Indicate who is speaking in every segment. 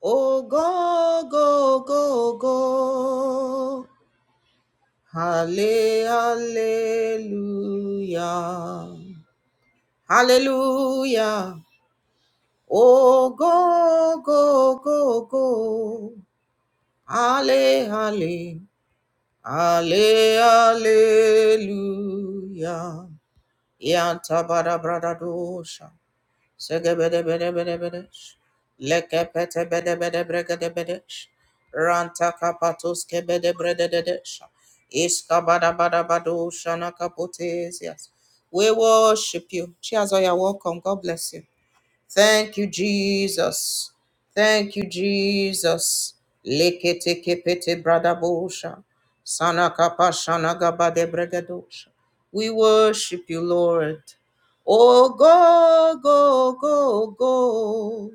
Speaker 1: Oh, go, go, go, go. Halle- Hallelujah. Hallelujah. Oh, go, go, go, go. Halle, halle. Halle, hallelujah. Yanta bara brada dosha. Segabedabedabedabedish. Lekepetebedebedebregedebedish. Rantakapatoskebedebrededish. Iskabadabadabado We worship you. Chiazoya, welcome. God bless you. Thank you, Jesus. Thank you, Jesus. Lekete kepete bradabosha. Sana kapa shana gaba de bregadosha. We worship you, Lord. Oh, go, go, go, go.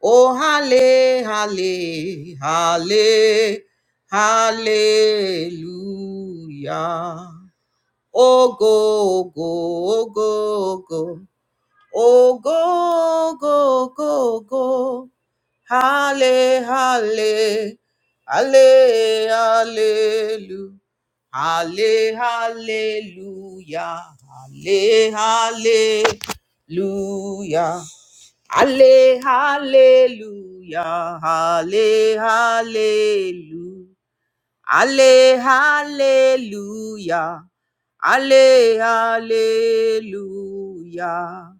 Speaker 1: Oh, halle, halle, halle, hallelujah. Oh, go, go, go, go. Oh, go, go, go, go. Halle, halle, halle, hallelu. Halle, hallelujah. Halle, hallelujah. Halle, hallelujah. Halle, hallelujah. Ale, hallelujah. Ale, hallelujah.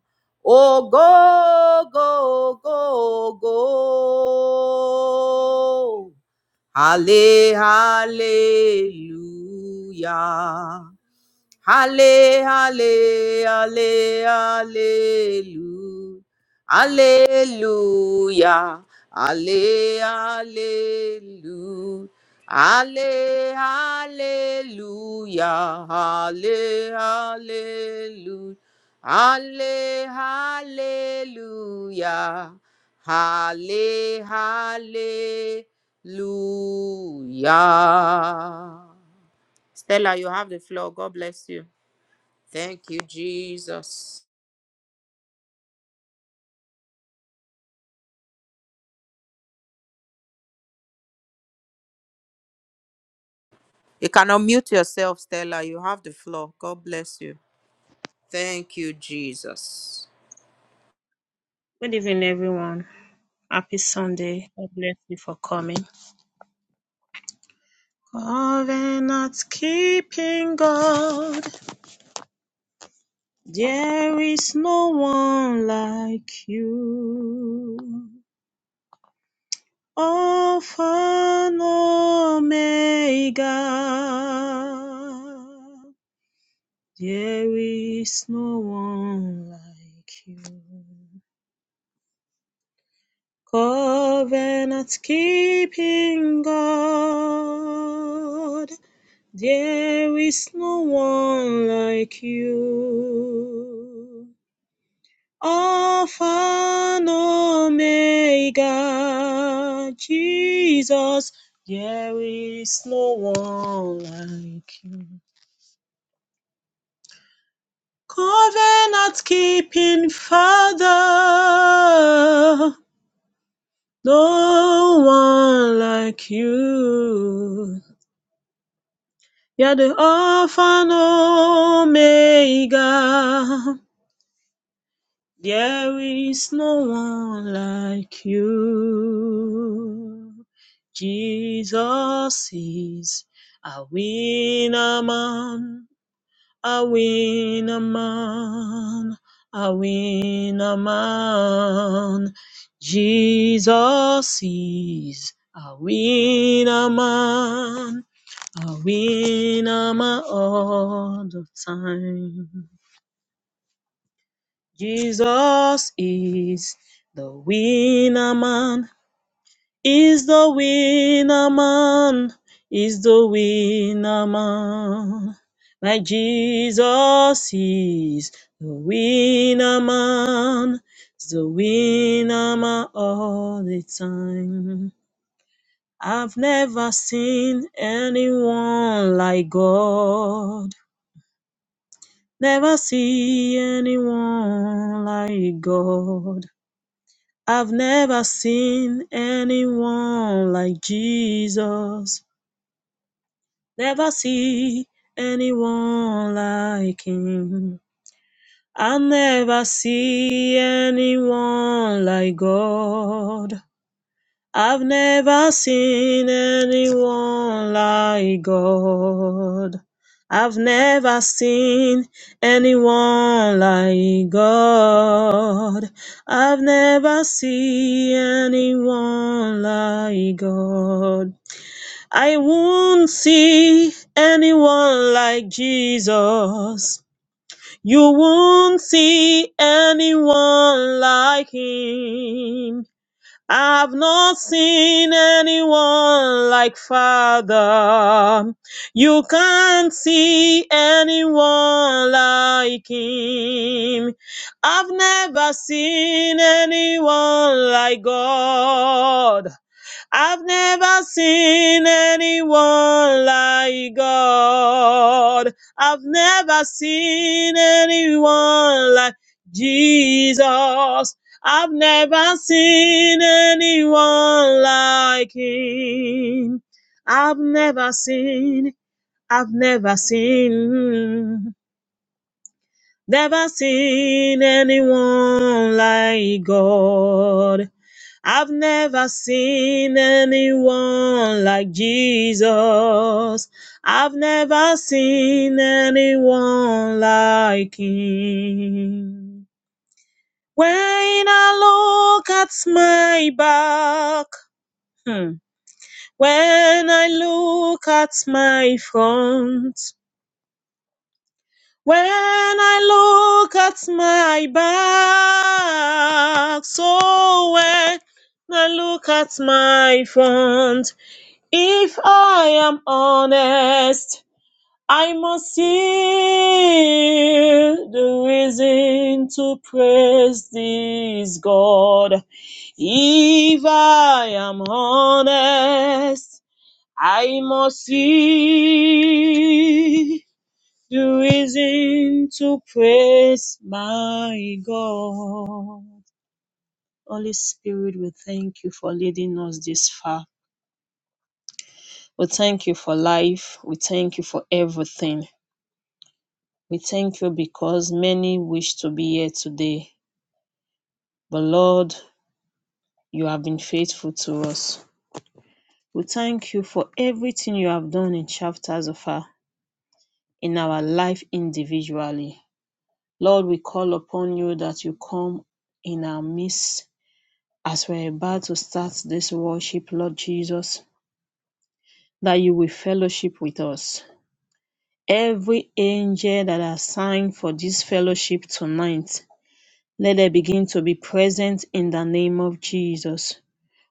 Speaker 1: Oh, go, go, go, go. Ale, hallelujah. Halle, halle, halle, hallelu. Hallelujah. Halle, hallelu. Halle, hallelujah. Halle, hallelujah. Halle, hallelujah. Halle, hallelujah. Stella, you have the floor. God bless you. Thank you, Jesus. You can unmute yourself, Stella. You have the floor. God bless you. Thank you, Jesus.
Speaker 2: Good evening, everyone. Happy Sunday. God bless you for coming. Covenant keeping God, there is no one like you. Alpha and Omega, there is no one like you. Covenant keeping God, There is no one like you. Alpha and Omega, Jesus, there is no one like you. Covenant keeping Father, no one like you. You're the Alpha and Omega. There is no one like you. Jesus is a winner man, a winner man, a winner man. Jesus is a winner man, a winner man all the time. Jesus is the winner man, is the winner man, is the winner man. My Jesus is the winner man, is the winner man all the time. I've never seen anyone like God. Never see anyone like God. I've never seen anyone like Jesus. Never see anyone like him. I never see anyone like God. I've never seen anyone like God. I've never seen anyone like God. I've never seen anyone like God. I won't see anyone like Jesus. You won't see anyone like him. I've not seen anyone like Father. You can't see anyone like Him. I've never seen anyone like God. I've never seen anyone like God. I've never seen anyone like Jesus. I've never seen anyone like Him. I've never seen, I've never seen, never seen anyone like God. I've never seen anyone like Jesus. I've never seen anyone like him. When I look at my back, hmm, when I look at my front, when I look at my back, so when I look at my front, If I am honest, I must see the reason to praise this God. If I am honest, I must see the reason to praise my God. Holy Spirit, we thank you for leading us this far. We thank you for life. We thank you for everything. We thank you because many wish to be here today. But Lord, you have been faithful to us. We thank you for everything you have done in chapters of our in our life individually. Lord, we call upon you that you come in our midst as we're about to start this worship, Lord Jesus, that you will fellowship with us. Every angel that is are signed for this fellowship tonight, Let them begin to be present in the name of Jesus.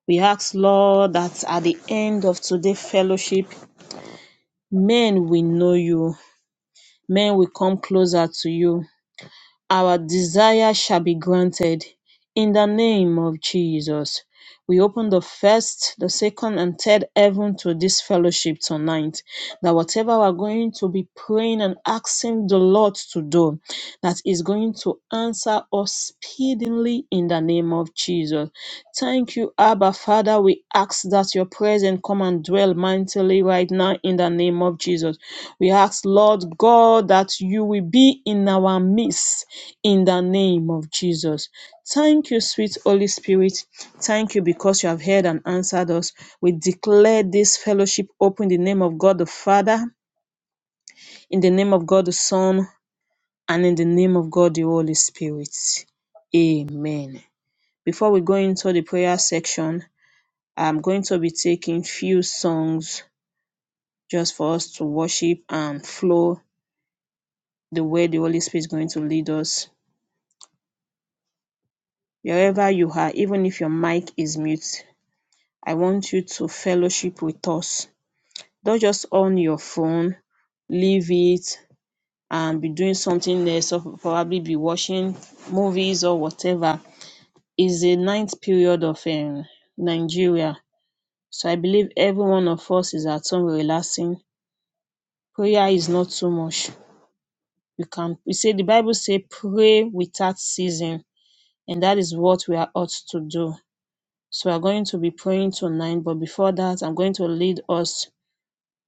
Speaker 2: We ask, Lord, that at the end of today's fellowship, men will know you, men will come closer to you. Our desire shall be granted in the name of Jesus. We open the first, the second, and third heaven to this fellowship tonight. That whatever we're going to be praying and asking the Lord to do, that is going to answer us speedily in the name of Jesus. Thank you, Abba Father. We ask that your presence come and dwell mightily right now in the name of Jesus. We ask, Lord God, that you will be in our midst in the name of Jesus. Thank you, sweet Holy Spirit. Thank you because you have heard and answered us. We declare this fellowship open in the name of God the Father, in the name of God the Son, and in the name of God, the Holy Spirit. Amen. Before we go into the prayer section, I'm going to be taking few songs just for us to worship and flow the way the Holy Spirit is going to lead us. Wherever you are, even if your mic is mute, I want you to fellowship with us. Don't just on your phone, leave it, and be doing something else, or probably be watching movies or whatever is the ninth period of um Nigeria. So I believe every one of us is at home relaxing. Prayer is not too much. You can we say the Bible say pray without ceasing, and that is what we are ought to do. So we're going to be praying tonight, but before that, I'm going to lead us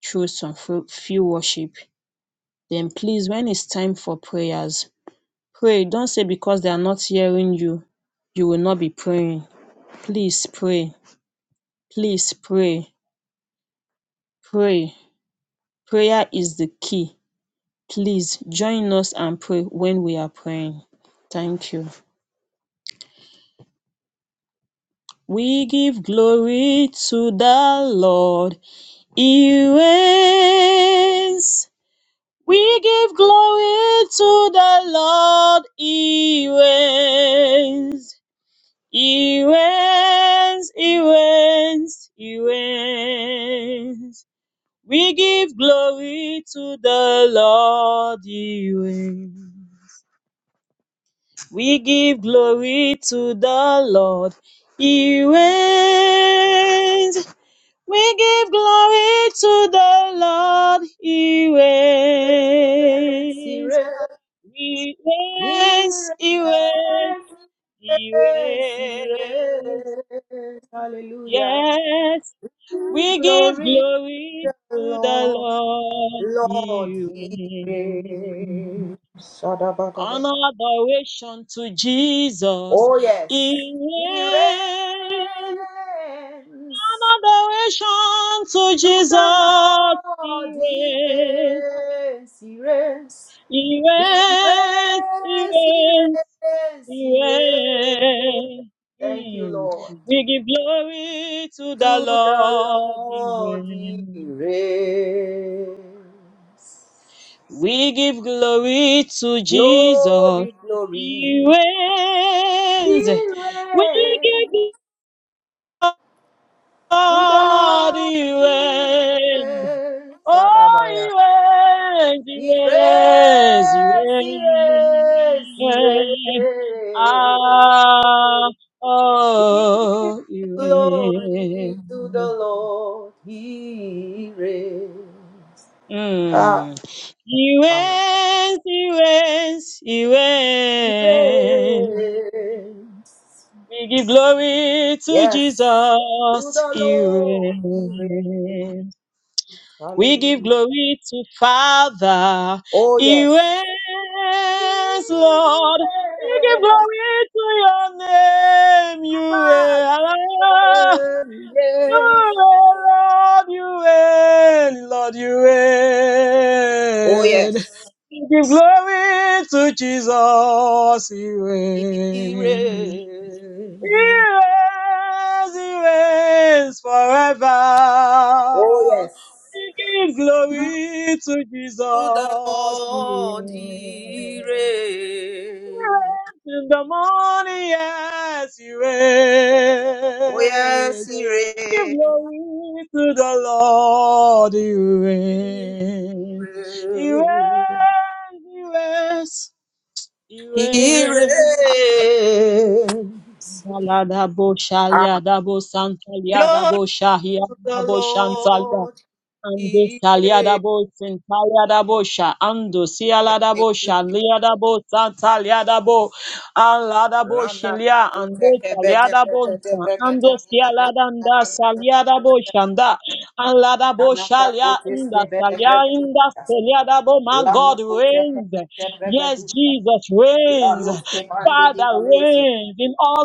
Speaker 2: through some few worship. Then please, when it's time for prayers, pray. Don't say because they are not hearing you, you will not be praying. Please pray. Please pray. Pray. Prayer is the key. Please join us and pray when we are praying. Thank you. We give glory to the Lord. He reigns. We give glory to the Lord. He reigns. He reigns. He reigns. He reigns. We give glory to the Lord. He reigns. We give glory to the Lord. He reigns. We give glory to the Lord. He
Speaker 1: Yes, he
Speaker 2: reigns.
Speaker 1: reigns.
Speaker 2: He
Speaker 1: He
Speaker 2: reigns. He reigns.
Speaker 1: reigns. Yes, he
Speaker 2: He reigns.
Speaker 1: reigns. Hallelujah.
Speaker 2: Yes. We give
Speaker 1: Glory to
Speaker 2: glory
Speaker 1: the
Speaker 2: to the
Speaker 1: Lord.
Speaker 2: Lord.
Speaker 1: Lord,
Speaker 2: He
Speaker 1: he
Speaker 2: reigns.
Speaker 1: reigns. Shadabadabada.
Speaker 2: An adoration to Jesus.
Speaker 1: Oh, yes.
Speaker 2: He
Speaker 1: He
Speaker 2: reigns. An
Speaker 1: reigns.
Speaker 2: adoration to
Speaker 1: To the
Speaker 2: Jesus.
Speaker 1: Lord
Speaker 2: He
Speaker 1: he
Speaker 2: reigns.
Speaker 1: reigns, he reigns,
Speaker 2: He
Speaker 1: he reigns, he
Speaker 2: reigns.
Speaker 1: reigns,
Speaker 2: He
Speaker 1: he reigns.
Speaker 2: reigns. He
Speaker 1: Thank you,
Speaker 2: reigns. Mm.
Speaker 1: Lord.
Speaker 2: We give glory to the
Speaker 1: To the
Speaker 2: Lord. He
Speaker 1: Lord he
Speaker 2: reigns.
Speaker 1: reigns.
Speaker 2: We give glory to Jesus.
Speaker 1: Glory, glory,
Speaker 2: He
Speaker 1: he
Speaker 2: reigns. We
Speaker 1: reigns.
Speaker 2: give
Speaker 1: To the Lord he
Speaker 2: Adiwen.
Speaker 1: reigns.
Speaker 2: Oiwen,
Speaker 1: Ire,
Speaker 2: Iwen,
Speaker 1: ire, ire.
Speaker 2: Iwen. Ah,
Speaker 1: We give
Speaker 2: oh, Iwen.
Speaker 1: glory to the Lord. He reigns. Ah,
Speaker 2: Mm.
Speaker 1: Father.
Speaker 2: Iwen, Iwen,
Speaker 1: He
Speaker 2: Iwen.
Speaker 1: reigns.
Speaker 2: We give glory to
Speaker 1: Yes.
Speaker 2: Jesus.
Speaker 1: To the Lord. He reigns.
Speaker 2: Iwen. We give
Speaker 1: Hallelujah.
Speaker 2: glory to Father.
Speaker 1: Oh,
Speaker 2: He reigns,
Speaker 1: yes. He reigns.
Speaker 2: Lord. We give glory to your name. You
Speaker 1: Ah,
Speaker 2: reign,
Speaker 1: you reign. Yes.
Speaker 2: You reign, Lord. You reign, Lord. You
Speaker 1: Oh,
Speaker 2: reign.
Speaker 1: yes.
Speaker 2: We give glory to Jesus. He
Speaker 1: He
Speaker 2: reigns. He
Speaker 1: reigns.
Speaker 2: reigns, he reigns forever.
Speaker 1: Oh, yes.
Speaker 2: We give glory to
Speaker 1: To the
Speaker 2: Jesus. He reigns
Speaker 1: Lord he
Speaker 2: He
Speaker 1: reigns.
Speaker 2: reigns in the morning, yes, he
Speaker 1: Oh, yes,
Speaker 2: reigns.
Speaker 1: he
Speaker 2: We give
Speaker 1: reigns.
Speaker 2: glory to the Lord, he reigns. He reigns, he
Speaker 1: He
Speaker 2: reigns, he reigns.
Speaker 1: reigns.
Speaker 2: Dabo Shalia,
Speaker 1: Ah,
Speaker 2: Dabo Santalia,
Speaker 1: Glory
Speaker 2: Dabo Shahia,
Speaker 1: to the
Speaker 2: Dabo Shantalia,
Speaker 1: Lord
Speaker 2: Ande
Speaker 1: he reigns.
Speaker 2: saliadabo sentaliadabo sha ando
Speaker 1: Thank
Speaker 2: sialadabo
Speaker 1: you,
Speaker 2: sha
Speaker 1: Jesus.
Speaker 2: liadabo santaliadabo aladabo
Speaker 1: Randa
Speaker 2: shilia
Speaker 1: kato
Speaker 2: ando
Speaker 1: teke bede
Speaker 2: saliadabo
Speaker 1: bede de
Speaker 2: sa
Speaker 1: brede de brede
Speaker 2: ando
Speaker 1: de
Speaker 2: sialadanda
Speaker 1: brede de brede de
Speaker 2: saliadabo
Speaker 1: brede de.
Speaker 2: shanda aladabo
Speaker 1: Randa kato
Speaker 2: shalia inda
Speaker 1: teske bede
Speaker 2: salia inda
Speaker 1: brede.
Speaker 2: saliadabo my
Speaker 1: Lana
Speaker 2: God
Speaker 1: kuteke
Speaker 2: reigns
Speaker 1: te
Speaker 2: yes
Speaker 1: pregadusha.
Speaker 2: Jesus reigns
Speaker 1: Lanus ke pande gi
Speaker 2: Father
Speaker 1: malesio.
Speaker 2: reigns in all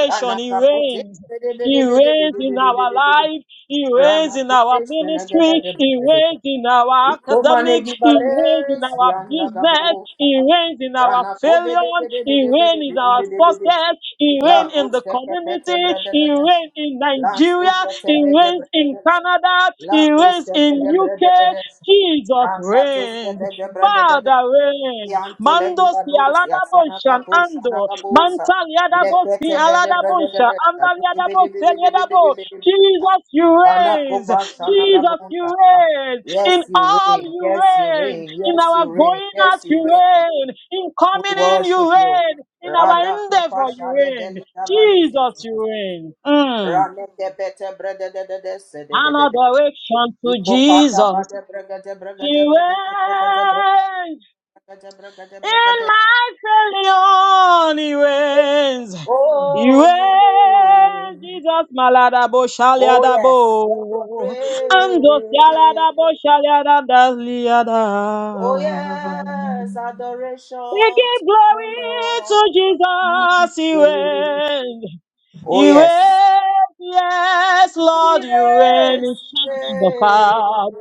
Speaker 1: Rana
Speaker 2: he
Speaker 1: kapote
Speaker 2: reigns
Speaker 1: bede
Speaker 2: he
Speaker 1: bede bede
Speaker 2: reigns
Speaker 1: bede
Speaker 2: in
Speaker 1: bede
Speaker 2: our
Speaker 1: bede bede.
Speaker 2: life he reigns
Speaker 1: Rana
Speaker 2: in
Speaker 1: kote
Speaker 2: our
Speaker 1: shene
Speaker 2: ministry.
Speaker 1: gede bede
Speaker 2: He
Speaker 1: bede bede.
Speaker 2: reigns in our
Speaker 1: Ikomane
Speaker 2: academic.
Speaker 1: gi
Speaker 2: He reigns in
Speaker 1: balesi
Speaker 2: our
Speaker 1: anda
Speaker 2: business.
Speaker 1: gabosa.
Speaker 2: He reigns in our
Speaker 1: Rana ko bede
Speaker 2: failure.
Speaker 1: bede
Speaker 2: He
Speaker 1: bede bede
Speaker 2: reigns in
Speaker 1: bede
Speaker 2: our
Speaker 1: bede bede.
Speaker 2: success. He
Speaker 1: La
Speaker 2: reigns in the
Speaker 1: kuteke pete
Speaker 2: community.
Speaker 1: brede
Speaker 2: He
Speaker 1: bede.
Speaker 2: reigns in
Speaker 1: La
Speaker 2: Nigeria.
Speaker 1: sukete
Speaker 2: He
Speaker 1: bede
Speaker 2: reigns
Speaker 1: brede
Speaker 2: in
Speaker 1: bede.
Speaker 2: Canada.
Speaker 1: La
Speaker 2: He reigns
Speaker 1: koste
Speaker 2: in
Speaker 1: bede brede
Speaker 2: UK.
Speaker 1: bede.
Speaker 2: Jesus
Speaker 1: Rakatos
Speaker 2: reigns.
Speaker 1: bede brede
Speaker 2: Father reigns.
Speaker 1: Yanto
Speaker 2: Mando
Speaker 1: legi
Speaker 2: si
Speaker 1: badosia
Speaker 2: alada
Speaker 1: sana
Speaker 2: bonshan
Speaker 1: kapo shana
Speaker 2: ando.
Speaker 1: kabosa
Speaker 2: Mantal yada bosi
Speaker 1: lekete bede
Speaker 2: alada
Speaker 1: bede
Speaker 2: bonsha.
Speaker 1: bede
Speaker 2: Andal
Speaker 1: shaluki
Speaker 2: yada
Speaker 1: bede bede bede bede
Speaker 2: bosi
Speaker 1: bede bede sha.
Speaker 2: Jesus, you
Speaker 1: sana
Speaker 2: reign.
Speaker 1: kopa shana
Speaker 2: Jesus, you
Speaker 1: kabonta sa.
Speaker 2: reign.
Speaker 1: Yes,
Speaker 2: In
Speaker 1: you
Speaker 2: all
Speaker 1: reign.
Speaker 2: you
Speaker 1: Yes, you
Speaker 2: reign.
Speaker 1: reign.
Speaker 2: In
Speaker 1: Yes,
Speaker 2: our
Speaker 1: you reign.
Speaker 2: going out,
Speaker 1: Yes, you
Speaker 2: you
Speaker 1: reign.
Speaker 2: reign. In
Speaker 1: We
Speaker 2: coming in, you
Speaker 1: worship you.
Speaker 2: reign. In our
Speaker 1: Rada
Speaker 2: endeavor,
Speaker 1: kopa
Speaker 2: you
Speaker 1: shade
Speaker 2: reign.
Speaker 1: beli kavalezi.
Speaker 2: Jesus, you reign. Mm.
Speaker 1: Rane de bete brede de de de se de bede
Speaker 2: An
Speaker 1: bede.
Speaker 2: adoration to
Speaker 1: Iko pata
Speaker 2: Jesus.
Speaker 1: bade brege de brege de
Speaker 2: He
Speaker 1: brege de brege de brege de brege
Speaker 2: reigns.
Speaker 1: de brege
Speaker 2: in
Speaker 1: de.
Speaker 2: my friendly ways. You
Speaker 1: Oh, you
Speaker 2: are
Speaker 1: reign.
Speaker 2: Jesus maladabo
Speaker 1: Oh, yes. you
Speaker 2: shaliadabo and dosialadabo
Speaker 1: Reign.
Speaker 2: shaliadadaliada.
Speaker 1: Oh, yes. Adoration
Speaker 2: We give
Speaker 1: to the
Speaker 2: glory to
Speaker 1: Lord. He
Speaker 2: Jesus, you
Speaker 1: reign.
Speaker 2: reign.
Speaker 1: Oh,
Speaker 2: You
Speaker 1: yes.
Speaker 2: reign, yes,
Speaker 1: He
Speaker 2: Lord, you reign
Speaker 1: reigns.
Speaker 2: in
Speaker 1: He
Speaker 2: shadows of
Speaker 1: reigns.
Speaker 2: God.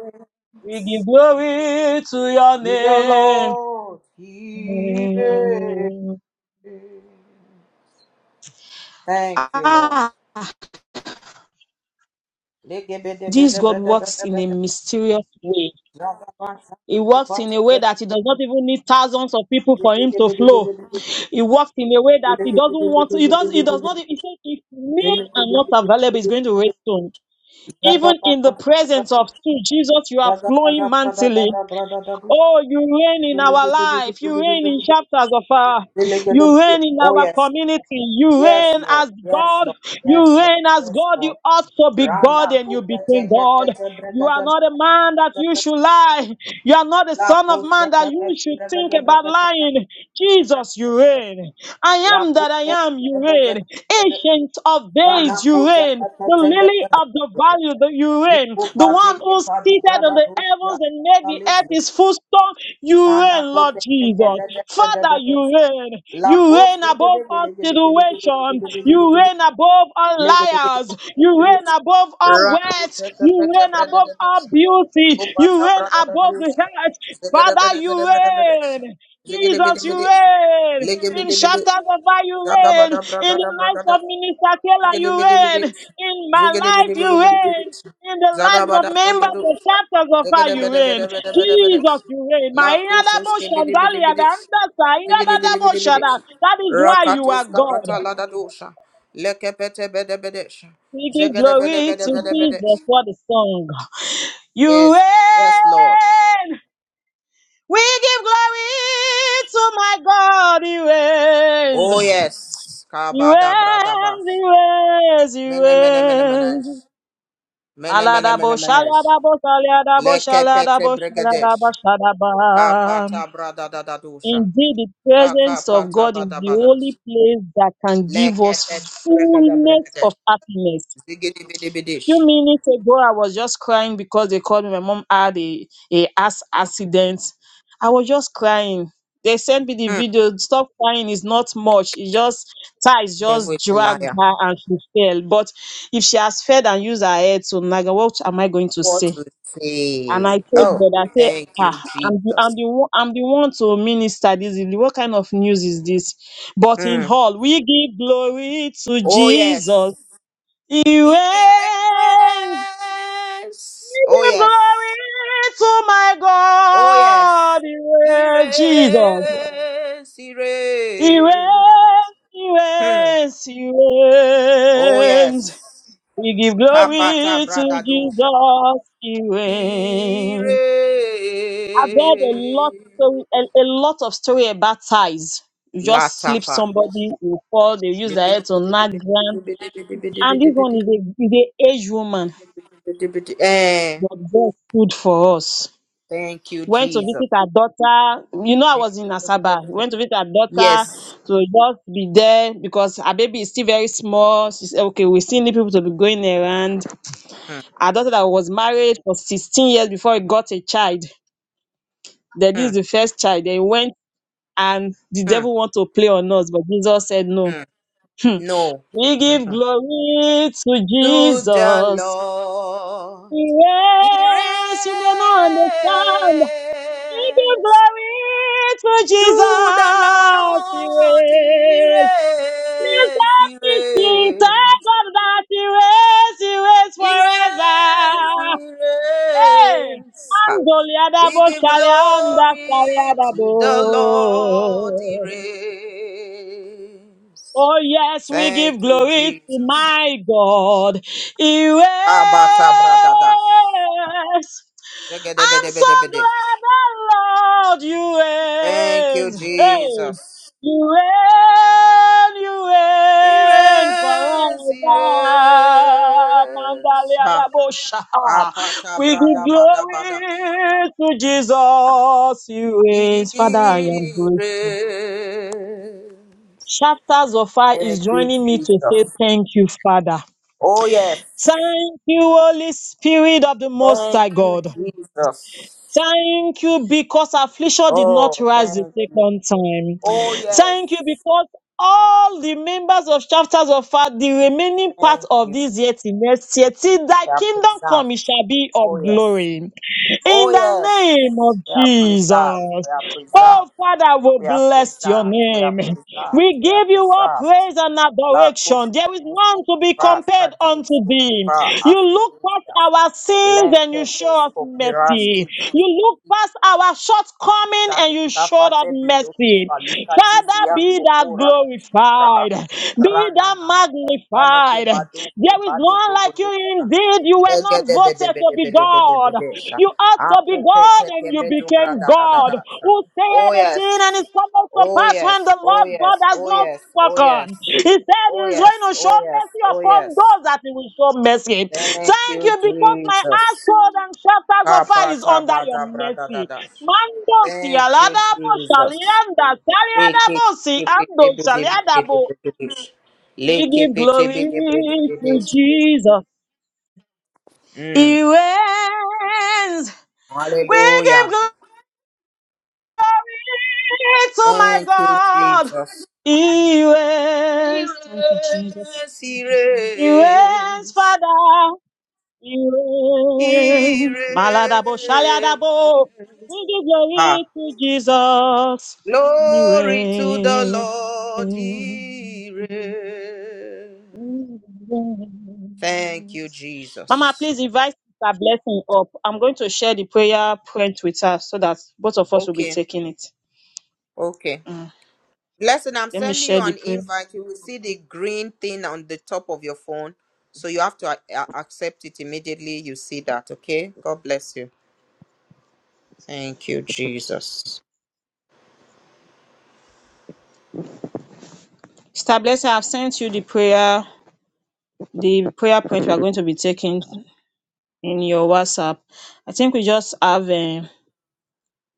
Speaker 2: We give glory to your name.
Speaker 1: The Lord. He reigns. Thank you, Lord.
Speaker 2: ah, this God works in a mysterious way. He works in a way that he does not even need thousands of people for him to flow. He works in a way that he doesn't want. to, He does. He does not. He said, if
Speaker 1: Oh
Speaker 2: men are not available, he's going to raise stone. Even in the presence of two, Jesus, you are flowing mantily. Oh, you reign in our life. You reign in chapters of our. You reign in our
Speaker 1: yes,
Speaker 2: community. You
Speaker 1: yes
Speaker 2: reign
Speaker 1: Lord,
Speaker 2: as
Speaker 1: yes
Speaker 2: God.
Speaker 1: Lord, yes
Speaker 2: You
Speaker 1: Lord,
Speaker 2: reign as
Speaker 1: yes
Speaker 2: God. You
Speaker 1: Lord.
Speaker 2: also be God
Speaker 1: Rana
Speaker 2: and you
Speaker 1: puke
Speaker 2: became
Speaker 1: teke
Speaker 2: God.
Speaker 1: teke
Speaker 2: You
Speaker 1: breke
Speaker 2: are
Speaker 1: teke
Speaker 2: not a man that you
Speaker 1: teke
Speaker 2: should lie. You are not a
Speaker 1: la
Speaker 2: son of
Speaker 1: puke
Speaker 2: man that
Speaker 1: teke teke
Speaker 2: you should
Speaker 1: breke
Speaker 2: think
Speaker 1: teke
Speaker 2: about
Speaker 1: breke
Speaker 2: lying.
Speaker 1: teke
Speaker 2: Jesus,
Speaker 1: breke
Speaker 2: you
Speaker 1: teke
Speaker 2: reign. I
Speaker 1: La
Speaker 2: am that
Speaker 1: puke
Speaker 2: I
Speaker 1: teke
Speaker 2: am. You
Speaker 1: teke breke
Speaker 2: reign.
Speaker 1: teke
Speaker 2: Ancient of days,
Speaker 1: Rana
Speaker 2: you
Speaker 1: puke
Speaker 2: reign
Speaker 1: teke
Speaker 2: the
Speaker 1: teke
Speaker 2: lily of the
Speaker 1: breke
Speaker 2: valley, the Urim,
Speaker 1: Iko
Speaker 2: the one
Speaker 1: pate ke
Speaker 2: who's
Speaker 1: pati
Speaker 2: seated on
Speaker 1: brada
Speaker 2: the
Speaker 1: dosia
Speaker 2: heavens and made the earth
Speaker 1: alesius.
Speaker 2: his footstool. You
Speaker 1: Sana
Speaker 2: reign,
Speaker 1: ko
Speaker 2: Lord
Speaker 1: pe ke ke
Speaker 2: Jesus.
Speaker 1: de de de de
Speaker 2: Father,
Speaker 1: de de.
Speaker 2: you reign.
Speaker 1: La
Speaker 2: You
Speaker 1: ko
Speaker 2: reign
Speaker 1: pe de
Speaker 2: above
Speaker 1: de de
Speaker 2: all
Speaker 1: de de de de de
Speaker 2: situation.
Speaker 1: de de de de de
Speaker 2: You
Speaker 1: de de.
Speaker 2: reign above all
Speaker 1: Le ke de ke de
Speaker 2: liars. You
Speaker 1: de de
Speaker 2: reign
Speaker 1: de.
Speaker 2: above all
Speaker 1: Ra ko
Speaker 2: words.
Speaker 1: te ke pe
Speaker 2: You
Speaker 1: te
Speaker 2: reign
Speaker 1: brada
Speaker 2: above
Speaker 1: de de.
Speaker 2: all beauty.
Speaker 1: Iko
Speaker 2: You
Speaker 1: pata
Speaker 2: reign
Speaker 1: brada de
Speaker 2: above the
Speaker 1: dosia.
Speaker 2: heart.
Speaker 1: Zeke de be
Speaker 2: Father,
Speaker 1: de
Speaker 2: you
Speaker 1: be de be de be de.
Speaker 2: reign.
Speaker 1: Zeke de be de
Speaker 2: Jesus,
Speaker 1: be
Speaker 2: you
Speaker 1: de.
Speaker 2: reign.
Speaker 1: Le ke be
Speaker 2: In
Speaker 1: de be de.
Speaker 2: chapters of fire, you
Speaker 1: Zaga
Speaker 2: reign.
Speaker 1: bada
Speaker 2: In
Speaker 1: braga da
Speaker 2: the
Speaker 1: braga
Speaker 2: life
Speaker 1: da.
Speaker 2: of Minister Taylor,
Speaker 1: Zeke de
Speaker 2: you
Speaker 1: be de be
Speaker 2: reign.
Speaker 1: de.
Speaker 2: In my
Speaker 1: Zeke de be
Speaker 2: life,
Speaker 1: de be
Speaker 2: you
Speaker 1: de be de be
Speaker 2: reign.
Speaker 1: de.
Speaker 2: In the
Speaker 1: Zaga
Speaker 2: lives of
Speaker 1: bada brodo
Speaker 2: members
Speaker 1: do.
Speaker 2: of chapters of fire,
Speaker 1: Zigada
Speaker 2: you
Speaker 1: bede,
Speaker 2: reign.
Speaker 1: bada bada bada bada.
Speaker 2: Jesus, you reign. My
Speaker 1: Lakotos
Speaker 2: inadabo
Speaker 1: kebidi bidi
Speaker 2: shandalia,
Speaker 1: bidi.
Speaker 2: the andasa,
Speaker 1: Zigidi bidi
Speaker 2: inadadabo
Speaker 1: bidi bidi.
Speaker 2: shada. That is why you
Speaker 1: Rakatos
Speaker 2: are God.
Speaker 1: kapata lada leke pete bede bede.
Speaker 2: We give
Speaker 1: Zegede bede
Speaker 2: glory
Speaker 1: bede
Speaker 2: to
Speaker 1: bede bede.
Speaker 2: Jesus. What a song. You
Speaker 1: Yes, yes, Lord.
Speaker 2: reign. We give glory to my God. He
Speaker 1: Oh
Speaker 2: reigns.
Speaker 1: yes.
Speaker 2: You reign,
Speaker 1: Kabada brada bas.
Speaker 2: you reign, you
Speaker 1: Mene mene mene
Speaker 2: reign.
Speaker 1: menes. Mene mene
Speaker 2: Aladabo,
Speaker 1: mene menes.
Speaker 2: shaladabo, saladabo,
Speaker 1: Lekepete
Speaker 2: shaladabo, shaladaba,
Speaker 1: brigadesh.
Speaker 2: shadaba.
Speaker 1: Kapata brada da da dosha.
Speaker 2: Indeed, the
Speaker 1: Da
Speaker 2: presence of
Speaker 1: kapata
Speaker 2: God is
Speaker 1: bada
Speaker 2: the
Speaker 1: bada.
Speaker 2: only place that can give us
Speaker 1: Lekepete brigada
Speaker 2: fullness
Speaker 1: brigade.
Speaker 2: of happiness
Speaker 1: dish.
Speaker 2: few minutes ago i was just crying because they called me my mom had a a ass accident i was just crying they sent me the
Speaker 1: Hmm.
Speaker 2: video stop crying It's not much it's just ties
Speaker 1: Devil
Speaker 2: just
Speaker 1: is a
Speaker 2: dragged
Speaker 1: liar.
Speaker 2: her and she fell but if she has fed and used her head to naga what am i going to
Speaker 1: What
Speaker 2: say
Speaker 1: to
Speaker 2: and i
Speaker 1: say?
Speaker 2: told
Speaker 1: Oh,
Speaker 2: god i say
Speaker 1: thank you,
Speaker 2: ah i'm the i'm
Speaker 1: Jesus.
Speaker 2: the one i'm the one to minister this evening. what kind of news is this but in
Speaker 1: Hmm.
Speaker 2: all we give glory to
Speaker 1: Oh, yes.
Speaker 2: jesus he
Speaker 1: He
Speaker 2: reigns.
Speaker 1: reigns.
Speaker 2: Give
Speaker 1: Oh, yes.
Speaker 2: glory to my
Speaker 1: Oh, yes.
Speaker 2: God. He
Speaker 1: He
Speaker 2: reigns, Jesus.
Speaker 1: reigns. He
Speaker 2: He
Speaker 1: reigns.
Speaker 2: reigns, he
Speaker 1: Hmm.
Speaker 2: reigns, he
Speaker 1: Oh,
Speaker 2: reigns.
Speaker 1: yes.
Speaker 2: We give
Speaker 1: Kapata
Speaker 2: glory to
Speaker 1: bradadosha.
Speaker 2: Jesus. He
Speaker 1: He
Speaker 2: reigns. I've heard a lot,
Speaker 1: reigns.
Speaker 2: story- a, a lot of story about ties. You just slip
Speaker 1: Latapa.
Speaker 2: somebody, you fall, they use their head to knock ground. And this one is a, is a aged woman,
Speaker 1: Eh,
Speaker 2: but God stood for us.
Speaker 1: thank you,
Speaker 2: went to
Speaker 1: Jesus.
Speaker 2: visit her daughter. You know, I was in Asaba. Went to visit her daughter
Speaker 1: Yes.
Speaker 2: to just be there because her baby is still very small. She said, okay, we still need people to be going around.
Speaker 1: Mm,
Speaker 2: Her daughter that was married for 16 years before he got a child. That this is
Speaker 1: mm,
Speaker 2: the first child. They went and the
Speaker 1: mm,
Speaker 2: devil want to play on us, but Jesus said no.
Speaker 1: mm. No.
Speaker 2: We
Speaker 1: Mm.
Speaker 2: give glory to
Speaker 1: To the
Speaker 2: Jesus.
Speaker 1: Lord. He
Speaker 2: Yes, you may not understand We give
Speaker 1: reigns.
Speaker 2: glory to
Speaker 1: To the
Speaker 2: Jesus. He
Speaker 1: Lord. He
Speaker 2: reigns. Lift
Speaker 1: reigns.
Speaker 2: up
Speaker 1: He
Speaker 2: his feet, thank
Speaker 1: reigns.
Speaker 2: God that he reigns. He reigns
Speaker 1: He
Speaker 2: forever.
Speaker 1: reigns. He
Speaker 2: Hey,
Speaker 1: reigns. We
Speaker 2: Angoliadabo,
Speaker 1: give
Speaker 2: Shalianda,
Speaker 1: glory to the Lord, he
Speaker 2: Shaliadabo.
Speaker 1: reigns.
Speaker 2: Oh, yes, we
Speaker 1: Thank
Speaker 2: give
Speaker 1: you,
Speaker 2: glory to
Speaker 1: Jesus.
Speaker 2: my God. He reigns.
Speaker 1: Kabata bradada.
Speaker 2: I'm so
Speaker 1: Zegedebedebedebede.
Speaker 2: glad the Lord you
Speaker 1: Thank you,
Speaker 2: reign. Hey,
Speaker 1: Jesus.
Speaker 2: you reign, you
Speaker 1: He
Speaker 2: reign
Speaker 1: reigns, he
Speaker 2: forever.
Speaker 1: reigns.
Speaker 2: Mandalia
Speaker 1: Ha.
Speaker 2: da Bosha.
Speaker 1: Kapata
Speaker 2: We give
Speaker 1: bradabadabada.
Speaker 2: glory to Jesus. You reign,
Speaker 1: He
Speaker 2: Father. I am grateful.
Speaker 1: reigns.
Speaker 2: Chapters of fire is
Speaker 1: Thank you,
Speaker 2: joining me to say
Speaker 1: Jesus.
Speaker 2: thank you, Father.
Speaker 1: Oh, yes.
Speaker 2: Thank you, Holy Spirit of the Most High
Speaker 1: Thank you,
Speaker 2: God.
Speaker 1: Jesus.
Speaker 2: Thank you because affliction did not
Speaker 1: Oh,
Speaker 2: rise the
Speaker 1: thank you.
Speaker 2: second time.
Speaker 1: Oh, yes.
Speaker 2: Thank you because all the members of chapters of fire, the remaining part
Speaker 1: Thank
Speaker 2: of
Speaker 1: you.
Speaker 2: this year till next year, till thy
Speaker 1: We are
Speaker 2: kingdom
Speaker 1: preserved.
Speaker 2: come, it shall be of
Speaker 1: Oh, yes.
Speaker 2: glory.
Speaker 1: Oh,
Speaker 2: In the
Speaker 1: yes.
Speaker 2: name of
Speaker 1: We are
Speaker 2: Jesus.
Speaker 1: preserved. We are preserved.
Speaker 2: Oh, Father, we
Speaker 1: We are
Speaker 2: bless your
Speaker 1: preserved. We are
Speaker 2: name.
Speaker 1: preserved.
Speaker 2: We
Speaker 1: We are
Speaker 2: give you all
Speaker 1: preserved.
Speaker 2: praise and
Speaker 1: La
Speaker 2: adoration. There is none to be
Speaker 1: kuskiva
Speaker 2: compared
Speaker 1: stadi
Speaker 2: unto thee.
Speaker 1: skokiva
Speaker 2: You look past
Speaker 1: askidinjas.
Speaker 2: our sins and you
Speaker 1: Lenke
Speaker 2: show us mercy. You look
Speaker 1: skopirash
Speaker 2: past our shortcoming and you showed us
Speaker 1: Shalikafate biloki
Speaker 2: mercy.
Speaker 1: falika
Speaker 2: Father,
Speaker 1: tizian
Speaker 2: be thou
Speaker 1: kokora kisraha.
Speaker 2: glorified. Be
Speaker 1: Rana
Speaker 2: thou
Speaker 1: nana. Shane ke
Speaker 2: magnified.
Speaker 1: bado ke
Speaker 2: There is
Speaker 1: bade
Speaker 2: none like you
Speaker 1: brogodosha.
Speaker 2: indeed. You were
Speaker 1: Lege
Speaker 2: not
Speaker 1: de be de
Speaker 2: voted
Speaker 1: be
Speaker 2: to
Speaker 1: de
Speaker 2: be
Speaker 1: be de be de
Speaker 2: God.
Speaker 1: be
Speaker 2: God.
Speaker 1: de sha.
Speaker 2: You ought to be
Speaker 1: Ako
Speaker 2: God
Speaker 1: pete
Speaker 2: and
Speaker 1: ke
Speaker 2: you
Speaker 1: bedo
Speaker 2: became
Speaker 1: brada da da
Speaker 2: God.
Speaker 1: da sha.
Speaker 2: Who said
Speaker 1: Oh
Speaker 2: a thing and
Speaker 1: yes.
Speaker 2: it comes to
Speaker 1: Oh
Speaker 2: pass
Speaker 1: yes.
Speaker 2: when the
Speaker 1: Oh
Speaker 2: Lord
Speaker 1: yes.
Speaker 2: God has
Speaker 1: Oh
Speaker 2: not
Speaker 1: yes. Oh yes.
Speaker 2: spoken. He said he
Speaker 1: Oh
Speaker 2: is
Speaker 1: yes.
Speaker 2: going to
Speaker 1: Oh
Speaker 2: show
Speaker 1: yes.
Speaker 2: mercy
Speaker 1: Oh
Speaker 2: upon
Speaker 1: yes.
Speaker 2: those that he will show mercy.
Speaker 1: Thank
Speaker 2: Thank
Speaker 1: you,
Speaker 2: you because my
Speaker 1: Jesus.
Speaker 2: household and shelters of fire is
Speaker 1: Kapata
Speaker 2: under your
Speaker 1: bada brada da
Speaker 2: mercy.
Speaker 1: da.
Speaker 2: Mando
Speaker 1: Thank you,
Speaker 2: sialadabo
Speaker 1: Jesus.
Speaker 2: shalianda
Speaker 1: Mm.
Speaker 2: saliadabo siando shaliadabo. We give glory to Jesus. He reigns. We give
Speaker 1: Hallelujah.
Speaker 2: glory. It's, oh my
Speaker 1: Thank you,
Speaker 2: God.
Speaker 1: Jesus.
Speaker 2: He reigns. Thank you, Jesus.
Speaker 1: Yes, he
Speaker 2: He reigns,
Speaker 1: reigns.
Speaker 2: Father. He
Speaker 1: He
Speaker 2: reigns. Maladabo, shaladabo.
Speaker 1: reigns.
Speaker 2: We give
Speaker 1: Ah.
Speaker 2: glory to Jesus. He
Speaker 1: Glory to the
Speaker 2: reigns.
Speaker 1: Lord.
Speaker 2: He
Speaker 1: He reigns. Thank you,
Speaker 2: reigns. Mama,
Speaker 1: Jesus.
Speaker 2: please invite our blessing up. I'm going to share the prayer point with her so that both of us will be
Speaker 1: Okay.
Speaker 2: taking it.
Speaker 1: Okay.
Speaker 2: Mm.
Speaker 1: Blessing, I'm
Speaker 2: Let me
Speaker 1: sending you
Speaker 2: share the
Speaker 1: an
Speaker 2: prayer.
Speaker 1: invite. You will see the green thing on the top of your phone. So you have to a- a- accept it immediately. You see that, okay? God bless you. Thank you, Jesus.
Speaker 2: Sister Blessing, I've sent you the prayer, the prayer point we are going to be taking in your WhatsApp. I think we just have um,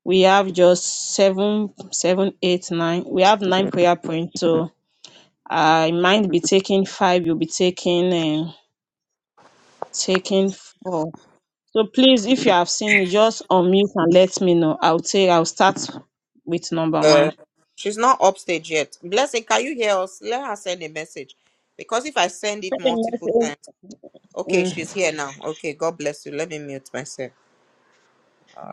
Speaker 2: we have just seven, seven, eight, nine. We have nine prayer points. So I might be taking five. You'll be taking um, taking four. So please, if you have seen, it, just unmute and let me know. I'll say I'll start with number
Speaker 1: Uh,
Speaker 2: one.
Speaker 1: she's not upstage yet. Blessing, can you hear us? Let her send a message. Because if I send it
Speaker 2: Send a
Speaker 1: multiple
Speaker 2: message-
Speaker 1: times, okay, she's
Speaker 2: mm,
Speaker 1: here now. Okay, God bless you. Let me mute myself.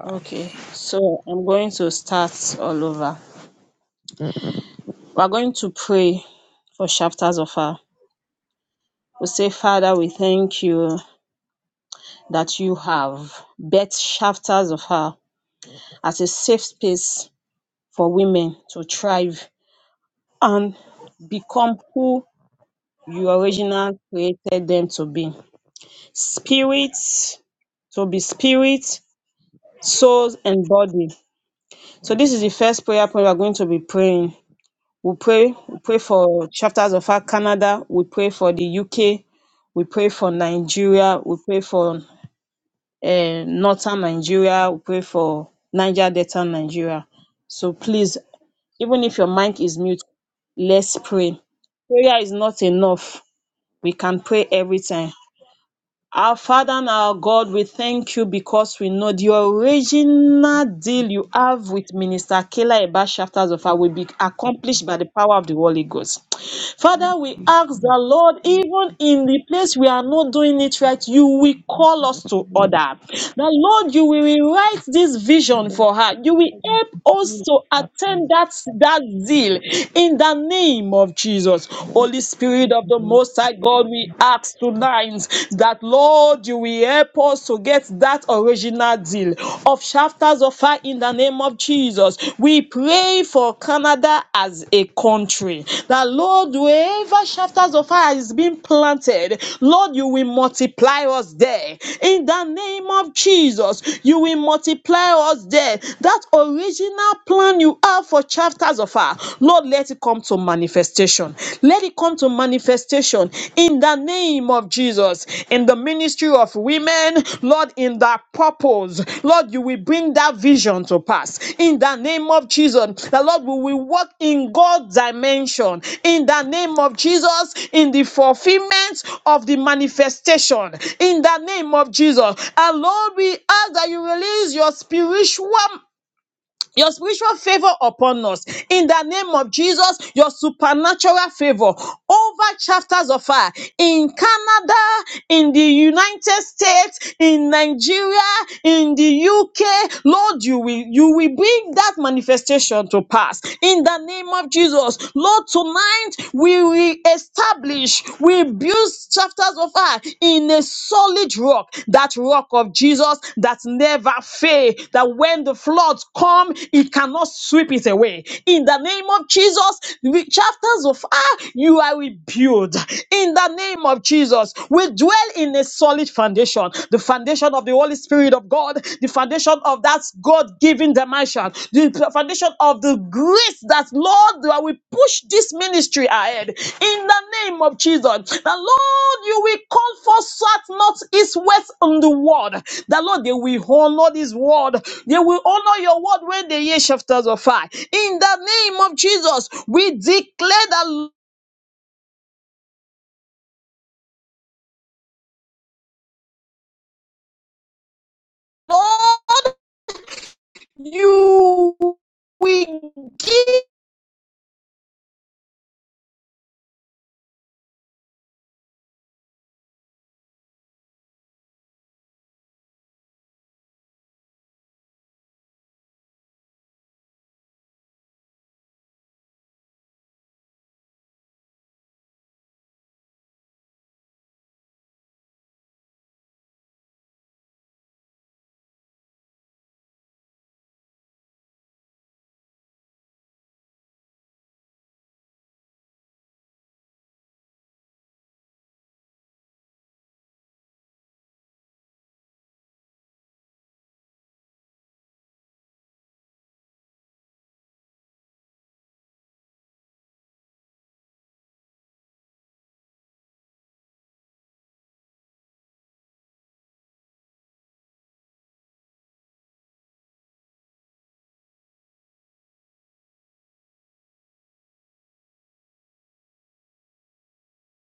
Speaker 2: Okay, so I'm going to start all over. We're going to pray for chapters of her. We say, Father, we thank you that you have built chapters of her as a safe space for women to thrive and become who you originally created them to be. Spirits to be spirit, souls, and body. So this is the first prayer point we're going to be praying. We pray, we pray for chapters of our Canada. We pray for the UK. We pray for Nigeria. We pray for uh, Northern Nigeria. We pray for Niger Delta Nigeria. So please, even if your mic is mute, let's pray. Prayer is not enough. We can pray every time. Our Father and our God, we thank you because we know the original deal you have with Minister Kela about chapters of our will be accomplished by the power of the Holy Ghost. Father,
Speaker 3: revive
Speaker 2: we ask the Lord, even in the place we are not doing it right, you will call us to order. The Lord, you will rewrite this vision for her. You will help us to attain that, that zeal in the name of Jesus. Holy Spirit. Spirit of the Most High God, we ask tonight that, Lord, you will help us to get that original deal of chapters of fire in the name of Jesus. We pray for Canada as a country. That, Lord, wherever chapters of fire is being planted, Lord, you will multiply us there. In the name of Jesus, you will multiply us there. That original plan you have for chapters of fire, Lord, let it come to manifestation. Let it come to manifestation in the name of Jesus. In the ministry of women, Lord, in that purpose, Lord, you will bring that vision to pass. In the name of Jesus, the Lord we will walk in God's dimension. In the name of Jesus, in the fulfillment of the manifestation. In the name of Jesus, and Lord, we ask that you release your spiritual your spiritual favor upon us in the name of Jesus, your supernatural favor over chapters of fire in Canada, in the United States, in Nigeria, in the UK. Lord, you will you will bring that manifestation to pass in the name of Jesus. Lord, tonight we will establish, we build chapters of her in a solid rock, that rock of Jesus that never fail, that when the floods come, it cannot sweep it away. In the name of Jesus, the chapters of her, you are rebuilt. In the name of Jesus, we dwell in a solid foundation, the foundation of the Holy Spirit of God, the foundation of that God given dimension, the foundation of the grace that, Lord, that we push this ministry ahead in the name of Jesus. The Lord, you will call for such not east, west on the world. The Lord, they will honor this word. They will honor your word when they hear chapters of fire. In the name of Jesus, we declare that Lord, you will give.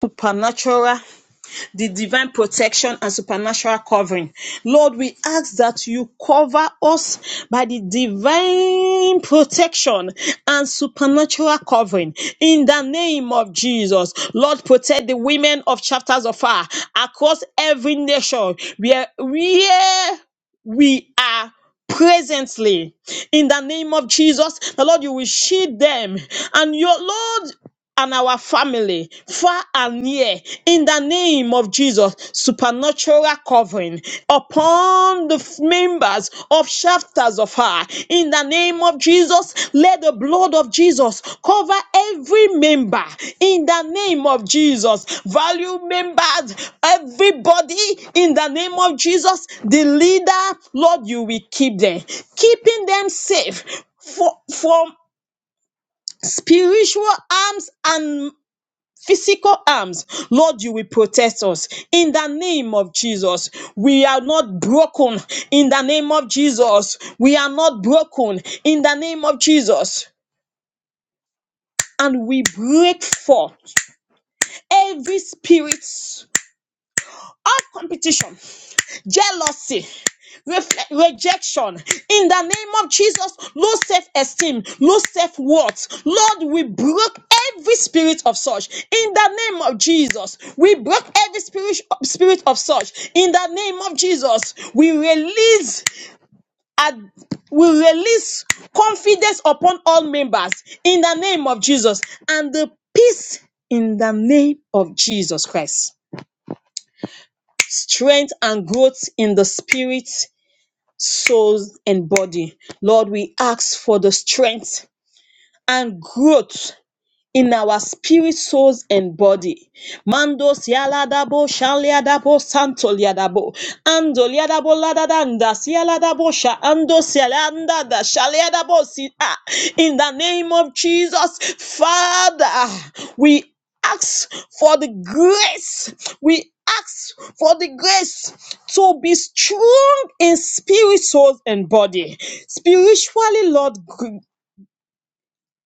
Speaker 2: supernatural the divine protection and supernatural covering. Lord, we ask that you cover us by the divine protection and supernatural covering in the name of Jesus. Lord, protect the women of chapters of fire across every nation where, where we are presently in the name of Jesus. The Lord, you will shield them and your Lord and our family, far and near, in the name of Jesus. Supernatural covering upon the f- members of chapters of her, in the name of Jesus. Let the blood of Jesus cover every member, in the name of Jesus. Value members, everybody, in the name of Jesus. The leader, Lord, you will keep them, keeping them safe for, from spiritual arms and physical arms. Lord, you will protect us in the name of Jesus. We are not broken in the name of Jesus. We are not broken in the name of Jesus. And we break forth every spirit of competition jealousy, refle- rejection. In the name of Jesus, low self esteem, low self worth. Lord, we broke every spirit of such. In the name of Jesus, we broke every spirit, spirit of such. In the name of Jesus, we release. ad- we release confidence upon all members in the name of Jesus and the peace in the name of Jesus Christ strength and growth in the spirit souls, and body. Lord, we ask for the strength and growth in our spirit, souls, and body. Mandos yaladabo, shaliadabo, santoliadabo, andoliadabo, ladadanda, sialadabo, sha, andos yalanda, da, shaliadabo, si, ah. In the name of Jesus, Father, we ask for the grace. We ask for the grace to be strong in spirit, soul, and body. Spiritually, Lord, g-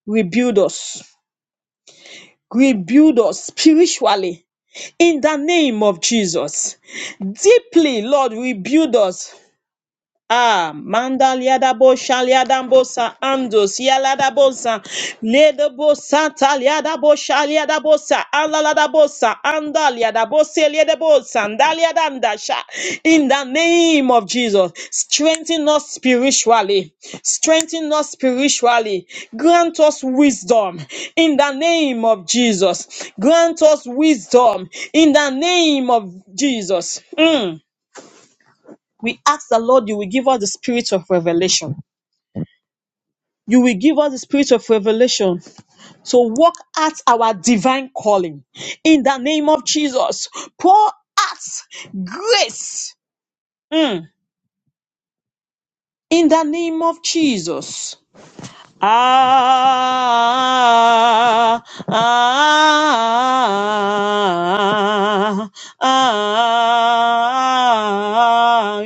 Speaker 2: rebuild us Rebuild us spiritually in the name of Jesus. Deeply, Lord, rebuild us. Ah, mandaliadabo shaliadambosa andos yaladabosa nedobosa taliadabo shaliadabosa aladabosa andaliadabose liadabosa ndaliadandasha. In the name of Jesus, strengthen us spiritually. Strengthen us spiritually. Grant us wisdom in the name of Jesus. Grant us wisdom in the name of Jesus. Mm. We ask the Lord, you will give us the spirit of revelation. You will give us the spirit of revelation to walk at our divine calling. In the name of Jesus, pour out grace. Mm. In the name of Jesus. Ah, ah, ah, ah,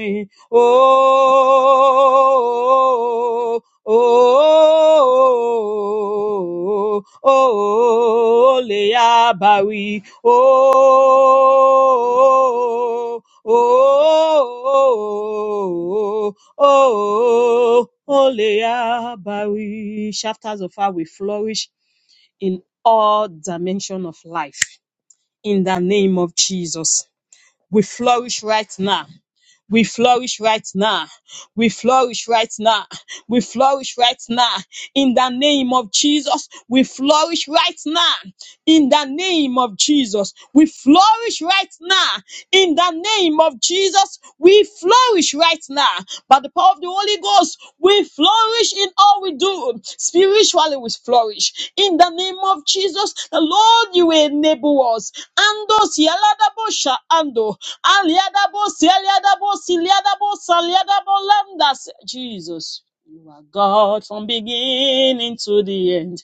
Speaker 2: oh, oh, oh, oh, le abawi, oh, Oh, oh, oh, oh, oh, Shafters of fire will flourish in all dimension of life. In the name of Jesus. We flourish right now. We flourish right now. We flourish right now. We flourish right now. In the name of Jesus, we flourish right now in the name of Jesus. We flourish right now in the name of Jesus. We flourish right now by the power of the Holy Ghost. We flourish in all we do. Spiritually, we flourish in the name of Jesus. The Lord, you will enable us. Ando sialadabo sha ando aliadabo sialiadabo siliadabo saliadabo lambdas. Jesus, you are God from beginning to the end.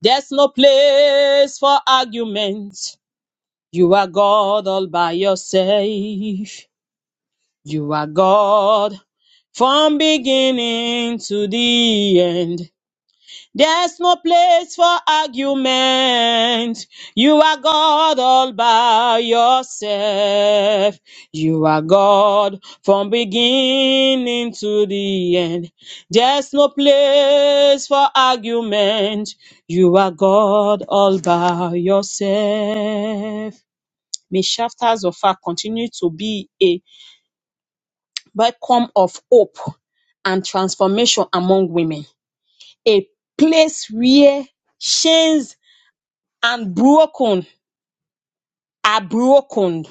Speaker 2: There's no place for argument. You are God all by yourself. You are God from beginning to the end. There's no place for argument. You are God all by yourself. You are God from beginning to the end. There's no place for argument. You are God all by yourself. May shafters of fire continue to be a beacon of hope and transformation among women. A place where chains and broken are broken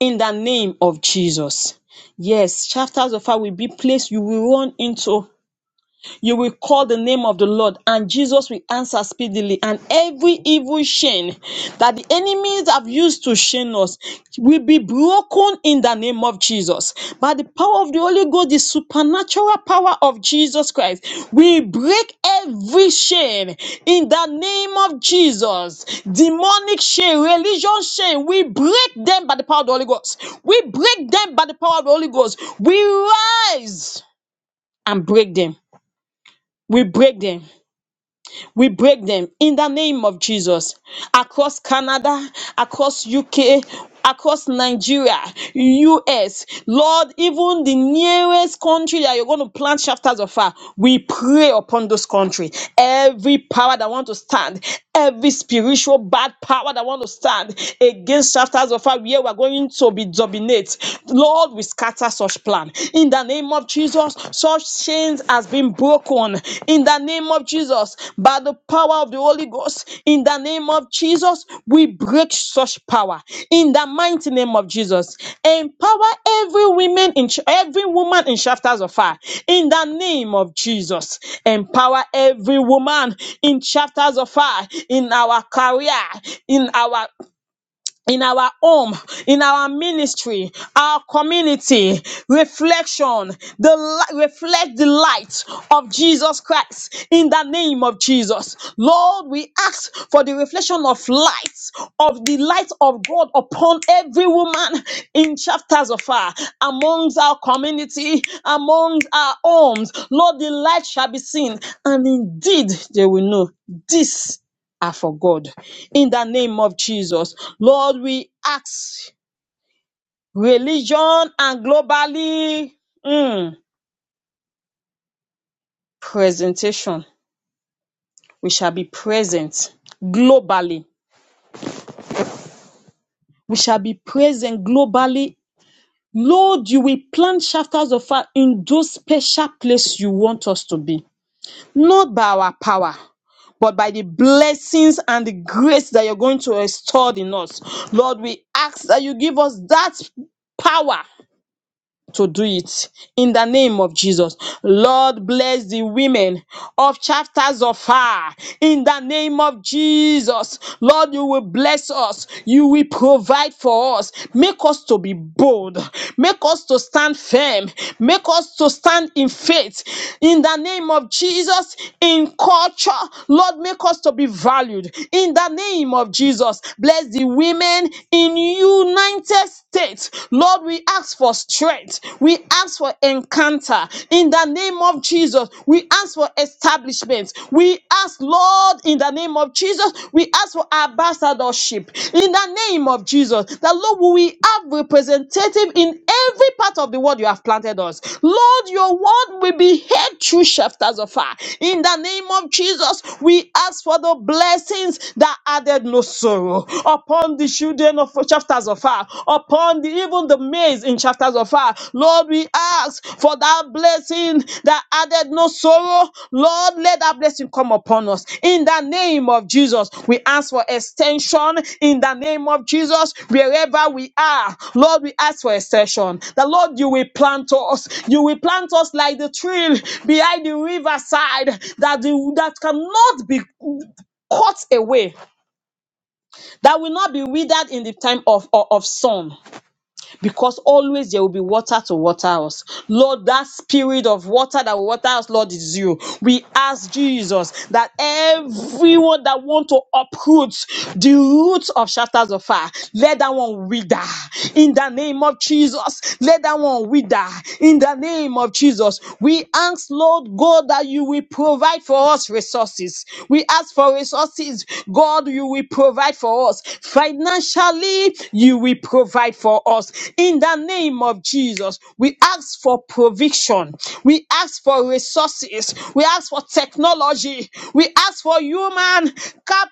Speaker 2: in the name of Jesus. Yes, chapters of fire will be placed. you will run into you will call the name of the Lord, and Jesus will answer speedily. And every evil chain that the enemies have used to chain us will be broken in the name of Jesus. By the power of the Holy Ghost, the supernatural power of Jesus Christ, we break every chain in the name of Jesus. Demonic chain, religion chain, we break them by the power of the Holy Ghost. We break them by the power of the Holy Ghost. We rise and break them we break them. We break them in the name of Jesus. Across Canada, across UK, across Nigeria, US, Lord, even the nearest country that you're going to plant chapters of fire, we pray upon those country. Every power that want to stand, every spiritual bad power that want to stand against chapters of fire, where we're going to be dominate. Lord, we scatter such plan in the name of Jesus, such chains has been broken. In the name of Jesus, by the power of the Holy Ghost, in the name of Jesus, we break such power. In the mighty name of Jesus, empower every woman in every woman in chapters of fire. In the name of Jesus, empower every woman in chapters of fire in our career, in our in our home, in our ministry, our community, reflection, the li- reflect the light of Jesus Christ in the name of Jesus. Lord, we ask for the reflection of light, of the light of God upon every woman in chapters of her, amongst our community, amongst our homes. Lord, the light shall be seen, and indeed they will know this are for God. In the name of Jesus, Lord, we ask religion and globally mm, presentation. We shall be present globally. We shall be present globally. Lord, you will plant chapters of fire in those special places you want us to be, not by our power but by the blessings and the grace that you're going to restore in us. Lord, we ask that you give us that power to do it in the name of Jesus. Lord, bless the women of chapters of fire in the name of Jesus. Lord, you will bless us, you will provide for us. Make us to be bold, make us to stand firm, make us to stand in faith in the name of Jesus. In culture, Lord, make us to be valued in the name of Jesus. Bless the women in united limited state. Lord, we ask for strength. We ask for encounter. In the name of Jesus, we ask for establishment. We ask, Lord, in the name of Jesus, we ask for ambassadorship. In the name of Jesus, that Lord, we have representative in every part of the world you have planted us. Lord, your word will be heard through shafters of fire. In the name of Jesus, we ask for the blessings that added no sorrow upon the children of chapters of fire, upon the, even the maize in chapters of fire. Lord, we ask for that blessing that added no sorrow. Lord, let that blessing come upon us. In the name of Jesus, we ask for extension. In the name of Jesus, wherever we are, Lord, we ask for extension. The Lord, you will plant us. You will plant us like the tree behind the riverside that, the, that cannot be cut away that will not be withered in the time of, of, of sun because always there will be water to water us. Lord, that spirit of water that will water us, Lord, is you. We ask Jesus that everyone that want to uproot the roots of shatters of fire, let that one wither in the name of Jesus. Let that one wither in the name of Jesus. We ask, Lord God, that you will provide for us resources. We ask for resources. God, you will provide provide for us. Financially, you will provide for us. In the name of Jesus, we ask for provision. We ask for resources. We ask for technology. We ask for human cap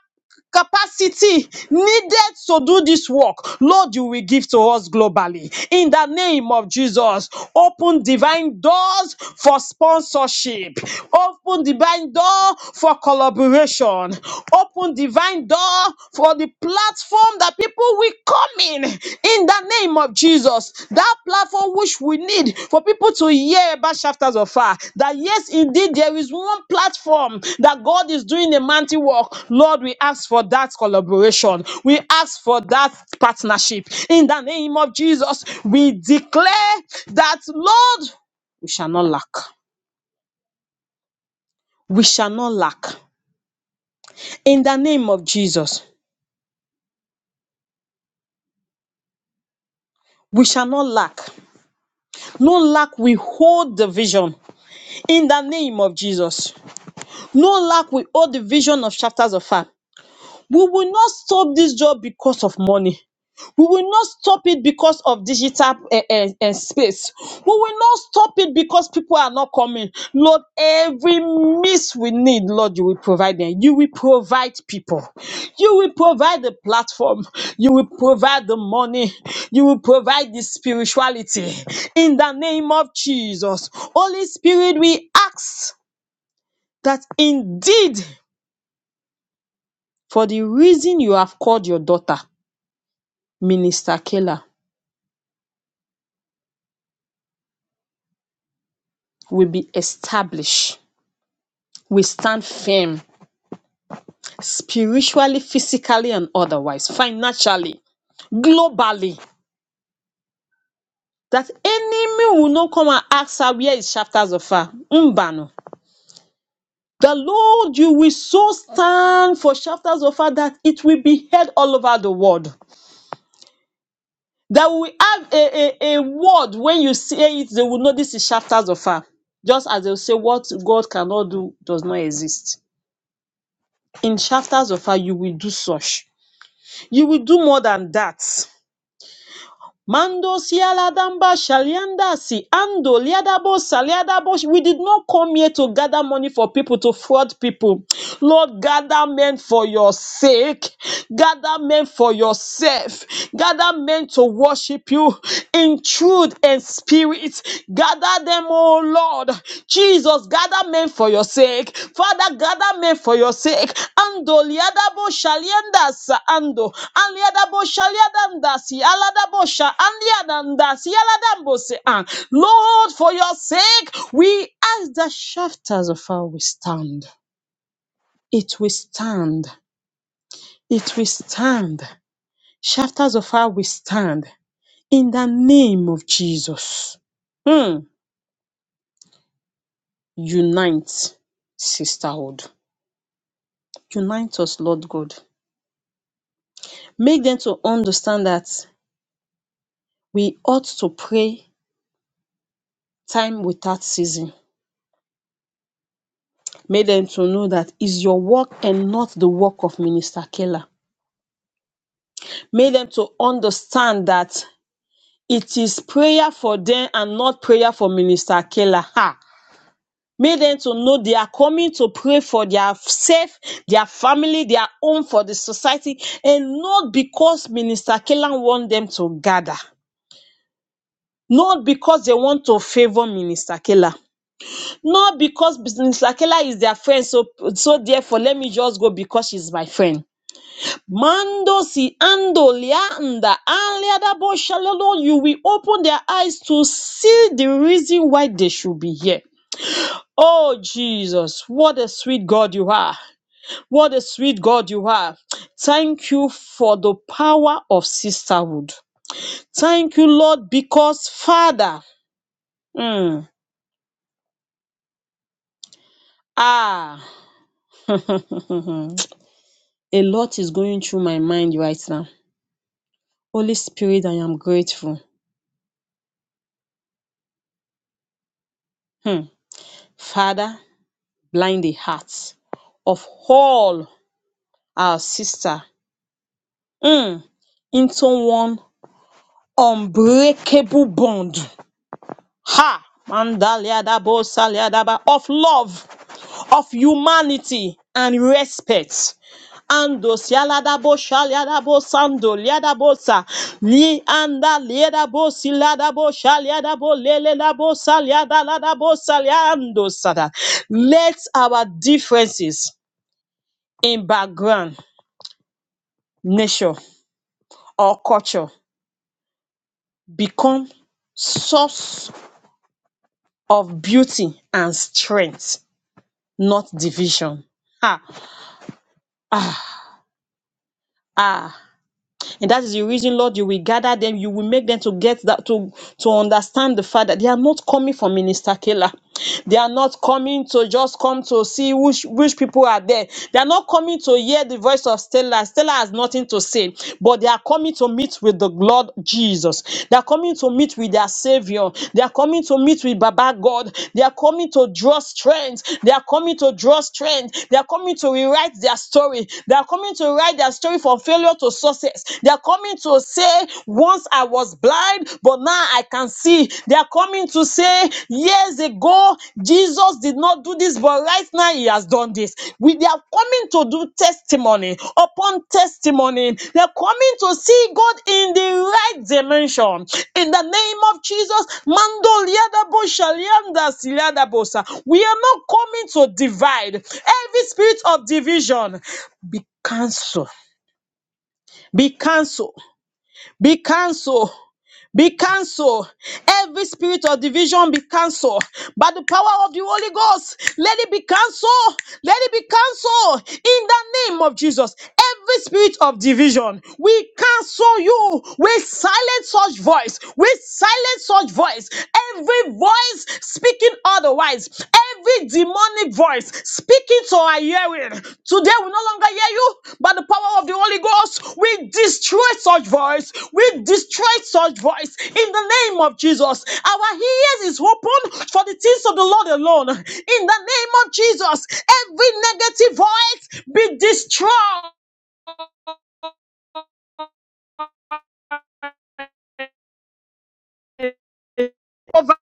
Speaker 2: capacity needed to do this work, Lord, you will give to us globally. In the name of Jesus, open divine doors for sponsorship. Open divine doors door for collaboration. Open divine door for the platform that people will come in in the name of Jesus. That platform which we need for people to hear about chapters of fire. That yes, indeed, there is one platform that God is doing a mighty work. Lord, we ask for that collaboration. We ask for that partnership. In the name of Jesus, we declare that, Lord, we shall not lack. We shall not lack. In the name of Jesus, we shall not lack. No lack, we hold the vision. In the name of Jesus, no lack, we hold the vision of chapters of fire. We will not stop this job because of money. We will not stop it because of digital eh, eh, eh, space. We will not stop it because people are not coming. Lord, every miss we need, Lord, you will provide them. You will provide people. You will provide the platform. You will provide the money. You will provide the spirituality. In the name of Jesus. Holy Spirit, we ask that indeed, for the reason you have called your daughter, Minister Kela, will be established. We stand firm spiritually, physically, and otherwise, financially, globally. That enemy will not come and ask her where is chapters of her. Mbano. The Lord, you will so stand for chapters of her that it will be heard all over the world. That we have a, a, a word when you say it, they will know this is chapters of her. Just as they will say, what God cannot do does not exist. in chapters of her, you will do such. You will do more than that. Mando sialadamba shalianda si ando liadabo saliadabo. We did not come here to gather money for people to fraud people. Lord, gather men for your sake. Gather men for yourself. Gather men to worship you in truth and spirit. Gather them Oh Lord, Jesus, gather men for your sake. Father, gather men for your sake. Ando liadabo shaliandas ando. Aliadabo shaliadandas aladabo sha andiadandas yaladambose an. Lord, for your sake, we as the shafters of fire we stand. It will stand. It will stand. Shafters of fire we stand. In the name of Jesus. Hmm. Unite sisterhood. Unite us, Lord God. Make them to understand that we ought to pray time without season. Make them to know that is your work and not the work of Minister Keller. Make them to understand that it is prayer for them and not prayer for Minister Keller. Ha! Make them to know they are coming to pray for their self, their family, their own, for the society, and not because Minister Keller want them to gather. not because they want to favor Minister Kela, not because Minister Kela is their friend, so so therefore let me just go because she's my friend. Mando si ando lianda aliada bo shalolo, you will open their eyes to see the reason why they should be here. Oh Jesus, what a sweet God you are. What a sweet God you are. Thank you for the power of sisterhood. Thank you, Lord, because Father, mm, ah. a lot is going through my mind right now. Holy Spirit, I am grateful. Hmm. Father, blind the hearts of all our sister hmm, into one unbreakable bond. Ha! Mandaliadabo saliadaba of love. of humanity and respect. Ando sialadabo shaliadabo sando liadabosa li anda liadabo siladabo shaliadabo lelelabo saliadaladabo saliando sada. Let our differences in background, nature or culture become source of beauty and strength, not division. Ah, ah, ah. And that is the reason, Lord, you will gather them, you will make them to get that to, to understand the fact that they are not coming for Minister Kela. They are not coming to just come to see which which people are there. They are not coming to hear the voice of Stella. Stella has nothing to say, but they are coming to meet with the Lord Jesus. They are coming to meet with their Savior. They are coming to meet with Baba God. They are coming to draw strength. They are coming to draw strength. They are coming to rewrite their story. They are coming to write their story from failure failure to success. They are coming to say, Once I was blind, but now I can see. They are coming to say, Years ago, Jesus did not do this, but right now he has done this. We, they are coming to do testimony upon testimony. They are coming to see God in the right dimension. In the name of Jesus, Mando liadabo shalianda siliadabosa. we are not coming to divide. Every spirit of division be cancelled be cancelled, be cancelled, be cancelled. Every spirit of division be cancelled by the power of the Holy Ghost. Let it be cancelled, let it be cancelled in the name of Jesus. Every spirit of division, we cancel you. We silence such voice. We silence such voice. Every voice speaking otherwise. Every demonic voice speaking to our hearing, today we no longer hear you, but the power of the Holy Ghost, we destroy such voice. We destroy such voice in the name of Jesus. Our ears is open for the things of the Lord alone. In the name of Jesus, every negative voice be destroyed over.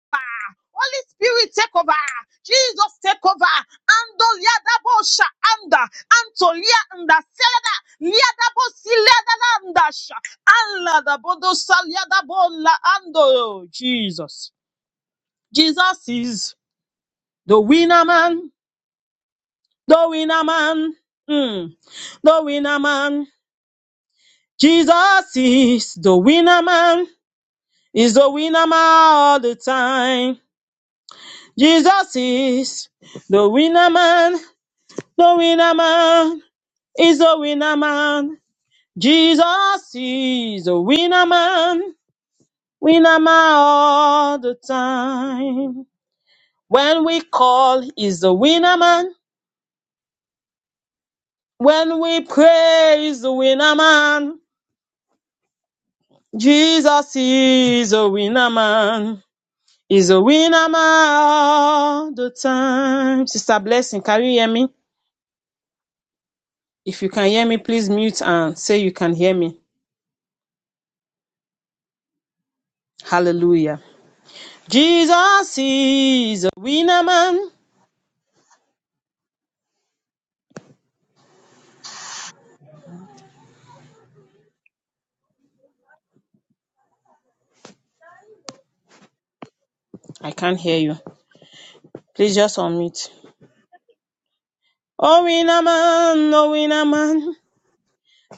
Speaker 2: Holy Spirit, take over. Jesus, take over. Ando liada bosha anda. Anto lia anda selada. Liada bosi liada anda sha. Alla da bodosa liada bola ando. Jesus. Jesus is the winner man. The winner man. Mm. The winner man. Jesus is the winner man. Is the winner man all the time. Jesus is the winner man The winner man is a winner man. Jesus is a winner man. Winner man all the time. When we call, he's the winner man. When we pray, he's the winner man. Jesus is a winner man. He's a winner man all the time. Sister Blessing, can you hear me? If you can hear me, please mute and say you can hear me. Hallelujah. Jesus is a winner man. I can't hear you. Please just unmute. Oh, winner man, oh, winner man.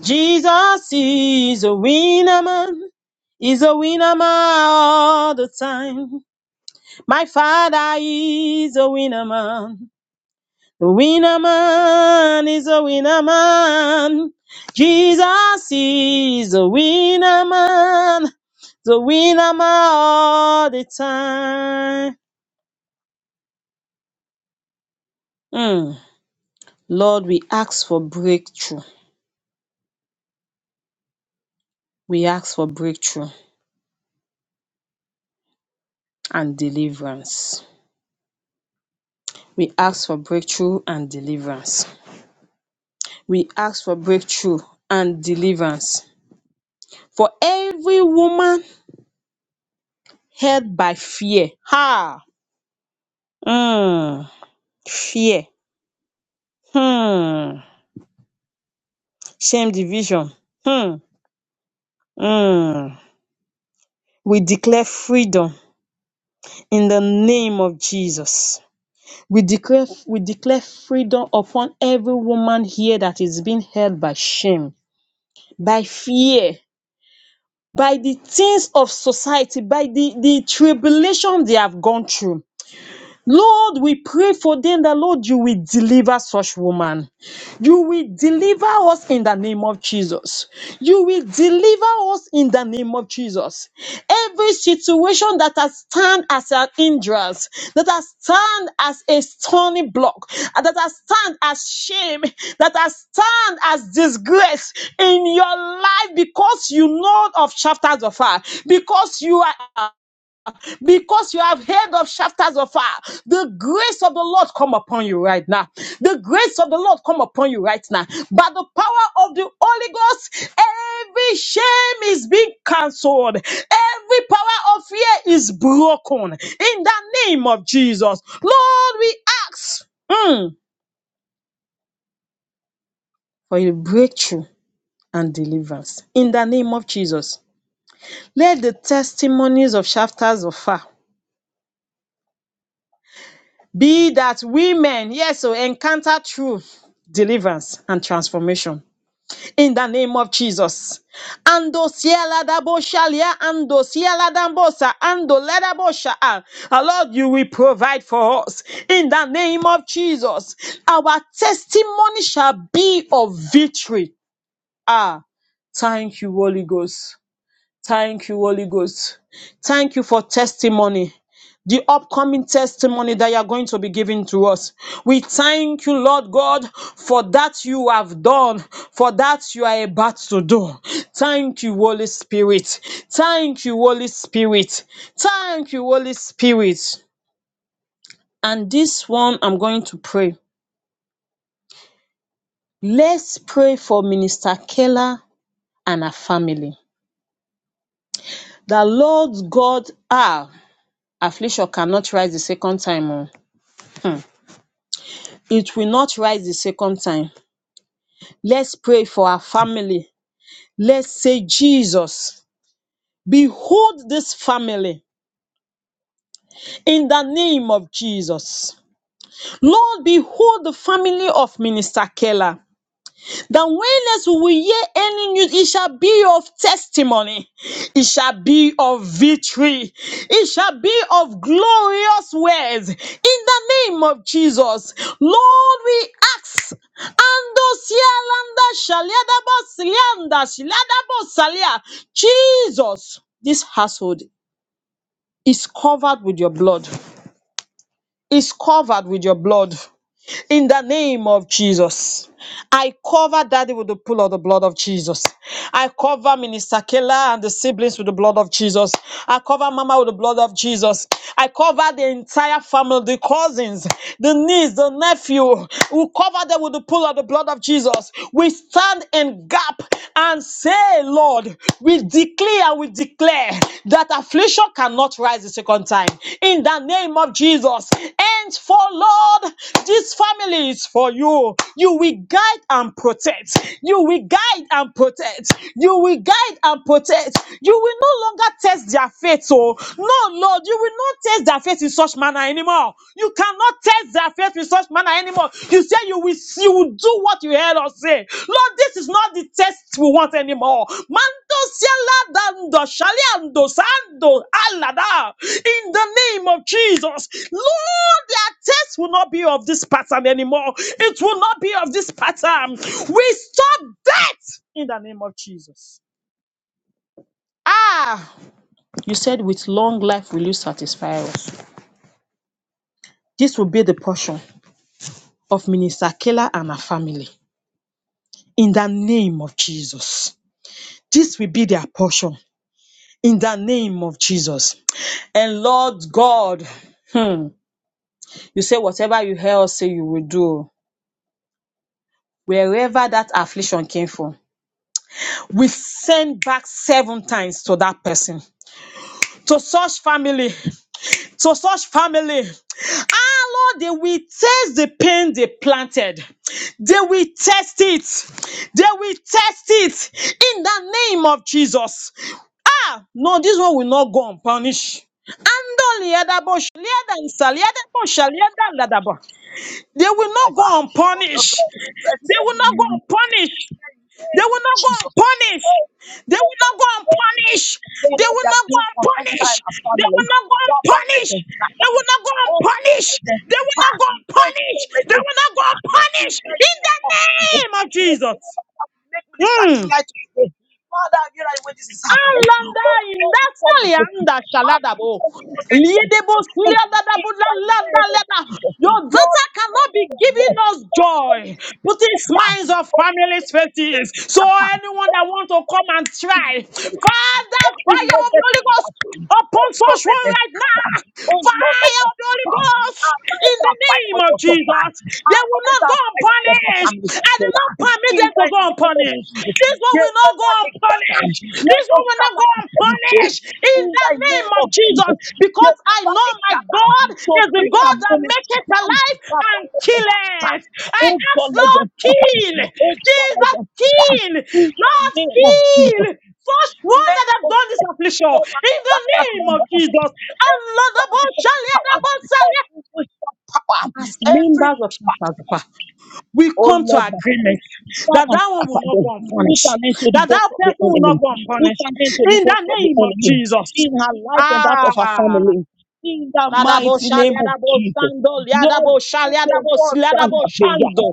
Speaker 2: Jesus is a winner man. He's a winner man all the time. My father is a winner man. The winner man is a winner man. Jesus is a winner man. The winner man all the time. Mm. Lord, we ask for breakthrough. We ask for breakthrough and deliverance. We ask for breakthrough and deliverance. We ask for breakthrough and deliverance for every woman held by fear. Ha! Hmm. Fear. Hmm. Shame, division. Hmm. Hmm. We declare freedom in the name of Jesus. We declare, we declare freedom upon every woman here that is being held by shame, by fear, by the things of society, by the, the tribulation they have gone through. Lord, we pray for them that, Lord, you will deliver such woman. You will deliver us in the name of Jesus. You will deliver us in the name of Jesus. Every situation that has stand as an hindrance, that has stand as a stony block, that has stand as shame, that has stand as disgrace in your life because you know of chapters of her, because you are because you have heard of shafters of fire. The grace of the Lord come upon you right now. The grace of the Lord come upon you right now. By the power of the Holy Ghost, every shame is being cancelled. Every power of fear is broken in the name of Jesus. Lord, we ask mm, for a breakthrough and deliverance in the name of Jesus. Let the testimonies of shafters of fire Be that women, yes, so encounter truth, deliverance, and transformation in the name of Jesus. Ando siela da bo shalia, ando siela da mbosa, ando leda bo shaa. Ah, Lord, you will provide for us in the name of Jesus. Our testimony shall be of victory. Ah, thank you, Holy Ghost. Thank you, Holy Ghost. Thank you for testimony. The upcoming testimony that you are going to be giving to us. We thank you, Lord God, for that you have done, for that you are about to do. Thank you, Holy Spirit. Thank you, Holy Spirit. Thank you, Holy Spirit. And this one, I'm going to pray. Let's pray for Minister Keller and her family. The Lord God, ah, affliction cannot rise the second time oh. Hmm. It will not rise the second time. Let's pray for our family. Let's say, Jesus, behold this family in the name of Jesus. Lord, behold the family of Minister Keller. That whenas we will hear any news, it shall be of testimony, it shall be of victory, it shall be of glorious words in the name of Jesus. Lord, we ask. Ando sialanda shaliadabo silianda shiliadabo salia. Jesus, this household is covered with your blood. Is covered with your blood in the name of Jesus. I cover daddy with the pool of the blood of Jesus. I cover Minister Kela and the siblings with the blood of Jesus. I cover Mama with the blood of Jesus. I cover the entire family, the cousins, the niece, the nephew. We cover them with the pool of the blood of Jesus. We stand in gap and say, Lord, we declare we declare that affliction cannot rise a second time. In the name of Jesus, hands for Lord. This family is for you. You will guide and protect. You will guide and protect. You will guide and protect. You will no longer test their faith. Oh, no, Lord, you will not test their faith in such manner anymore. You cannot test their faith in such manner anymore. You say you will, you will do what you heard us say. Lord, this is not the test we want anymore. Mando siala dando shaliando sando alada. In the name of Jesus, Lord, their test will not be of this pattern anymore. It will not be of this pattern. We stop that in the name of Jesus. Ah, you said with long life will you satisfy us. This will be the portion of Minister Kela and her family in the name of Jesus. This will be their portion in the name of Jesus. And Lord God, hmm, you say whatever you hear us say you will do, wherever that affliction came from, we send back seven times to that person, to such family, to such family. Lord, they will taste the pain they planted. They will test it. They will test it in the name of Jesus. Ah, no, this one will not go unpunished. Ando liadabo, shaliada isa, liadabo, shaliada ladabo. They will not
Speaker 3: ah,
Speaker 2: go
Speaker 3: life of your
Speaker 2: unpunished.
Speaker 3: daughter,
Speaker 2: They will not
Speaker 3: serving
Speaker 2: go unpunished. They will not go
Speaker 3: Jesus.
Speaker 2: unpunished. They will not go unpunished. They
Speaker 3: Wherever
Speaker 2: will
Speaker 3: they are
Speaker 2: not go
Speaker 3: being contended by
Speaker 2: unpunished.
Speaker 3: our
Speaker 2: They
Speaker 3: family,
Speaker 2: will not go
Speaker 3: Baba, let
Speaker 2: unpunished.
Speaker 3: them
Speaker 2: They
Speaker 3: scatter.
Speaker 2: will not go
Speaker 3: Oh, God,
Speaker 2: unpunished.
Speaker 3: let them
Speaker 2: They will not go
Speaker 3: scatter. Oh,
Speaker 2: unpunished.
Speaker 3: God, let
Speaker 2: They
Speaker 3: them
Speaker 2: will not go
Speaker 3: scatter. In
Speaker 2: unpunished
Speaker 3: the
Speaker 2: in the
Speaker 3: name of Jesus.
Speaker 2: name of Jesus.
Speaker 3: Whosoever that will Make Minister
Speaker 2: Mm.
Speaker 3: Clearlight to pray. Father, have you right when this is happening?
Speaker 2: Alanda
Speaker 3: Oh, God, we come against it.
Speaker 2: indasalianda
Speaker 3: Our
Speaker 2: shaladabo.
Speaker 3: future will not rise to the
Speaker 2: Liedebo
Speaker 3: top. In
Speaker 2: suliadadabo
Speaker 3: the name
Speaker 2: lalanda
Speaker 3: of
Speaker 2: leda.
Speaker 3: Jesus.
Speaker 2: Your
Speaker 3: Lord,
Speaker 2: daughter
Speaker 3: you said
Speaker 2: cannot be
Speaker 3: it your
Speaker 2: giving
Speaker 3: word.
Speaker 2: us
Speaker 3: That
Speaker 2: joy,
Speaker 3: only the Lord
Speaker 2: putting
Speaker 3: can
Speaker 2: smiles
Speaker 3: do.
Speaker 2: on
Speaker 3: But you said it,
Speaker 2: families'
Speaker 3: you
Speaker 2: faces. So
Speaker 3: said it, you
Speaker 2: anyone that wants to come and try,
Speaker 3: can't.
Speaker 2: Father,
Speaker 3: Every
Speaker 2: fire of the Holy
Speaker 3: negative
Speaker 2: Ghost
Speaker 3: battle,
Speaker 2: upon
Speaker 3: oh God,
Speaker 2: such
Speaker 3: let
Speaker 2: one
Speaker 3: us
Speaker 2: right now.
Speaker 3: scatter. Oh Lord, let
Speaker 2: Fire
Speaker 3: us
Speaker 2: of the Holy
Speaker 3: scatter.
Speaker 2: Ghost in
Speaker 3: Arise
Speaker 2: the
Speaker 3: and fight
Speaker 2: name
Speaker 3: for
Speaker 2: of
Speaker 3: your daughter.
Speaker 2: Jesus. They will not
Speaker 3: Arise
Speaker 2: go
Speaker 3: and fight for your
Speaker 2: unpunished.
Speaker 3: family,
Speaker 2: I did
Speaker 3: Pastora.
Speaker 2: not permit
Speaker 3: In
Speaker 2: them to
Speaker 3: the
Speaker 2: go
Speaker 3: name of
Speaker 2: unpunished.
Speaker 3: Jesus,
Speaker 2: This one
Speaker 3: let
Speaker 2: will not
Speaker 3: us
Speaker 2: go
Speaker 3: scatter.
Speaker 2: unpunished.
Speaker 3: Let
Speaker 2: This one
Speaker 3: us
Speaker 2: will not
Speaker 3: scatter
Speaker 2: go
Speaker 3: in every way.
Speaker 2: unpunished in
Speaker 3: In
Speaker 2: the
Speaker 3: the
Speaker 2: name
Speaker 3: name
Speaker 2: of
Speaker 3: of
Speaker 2: Jesus.
Speaker 3: Jesus,
Speaker 2: Because
Speaker 3: let
Speaker 2: I
Speaker 3: us
Speaker 2: know my
Speaker 3: gather.
Speaker 2: God
Speaker 3: So
Speaker 2: is the
Speaker 3: bring
Speaker 2: God
Speaker 3: our
Speaker 2: that
Speaker 3: ministry
Speaker 2: maketh
Speaker 3: down.
Speaker 2: alive
Speaker 3: Papa,
Speaker 2: and
Speaker 3: let us scatter.
Speaker 2: killeth. I
Speaker 3: Oh
Speaker 2: ask,
Speaker 3: God, let
Speaker 2: Lord,
Speaker 3: us scatter.
Speaker 2: kill.
Speaker 3: Oh God, let
Speaker 2: Jesus,
Speaker 3: us scatter.
Speaker 2: kill.
Speaker 3: In the
Speaker 2: Lord,
Speaker 3: name of Jesus.
Speaker 2: kill first one
Speaker 3: Men
Speaker 2: that have
Speaker 3: of
Speaker 2: done this
Speaker 3: God,
Speaker 2: affliction
Speaker 3: so that
Speaker 2: in the
Speaker 3: that- that's my
Speaker 2: name of
Speaker 3: mother.
Speaker 2: Jesus. And
Speaker 3: every
Speaker 2: Lord, above
Speaker 3: foundation of
Speaker 2: Charlie, and
Speaker 3: power,
Speaker 2: above Charlie,
Speaker 3: every witch of power,
Speaker 2: as
Speaker 3: every
Speaker 2: members of Shantazapa, we
Speaker 3: Oh
Speaker 2: come to
Speaker 3: Lord, my
Speaker 2: agreement
Speaker 3: Father,
Speaker 2: that
Speaker 3: Father,
Speaker 2: that one will not
Speaker 3: scatter
Speaker 2: go
Speaker 3: them. Put
Speaker 2: unpunished,
Speaker 3: an end to the
Speaker 2: that
Speaker 3: works
Speaker 2: that
Speaker 3: of the
Speaker 2: person will not
Speaker 3: enemy.
Speaker 2: go
Speaker 3: Put
Speaker 2: unpunished
Speaker 3: an end to the
Speaker 2: in the
Speaker 3: works of the
Speaker 2: name of
Speaker 3: enemy
Speaker 2: Jesus.
Speaker 3: in her life and that of her
Speaker 2: Ah,
Speaker 3: family. In the
Speaker 2: Ladabo
Speaker 3: mighty name of
Speaker 2: shaliadabo
Speaker 3: Jesus.
Speaker 2: sando
Speaker 3: Lord,
Speaker 2: liadabo
Speaker 3: put your
Speaker 2: shaliadabo
Speaker 3: word down
Speaker 2: siliadabo
Speaker 3: her vineyard.
Speaker 2: shando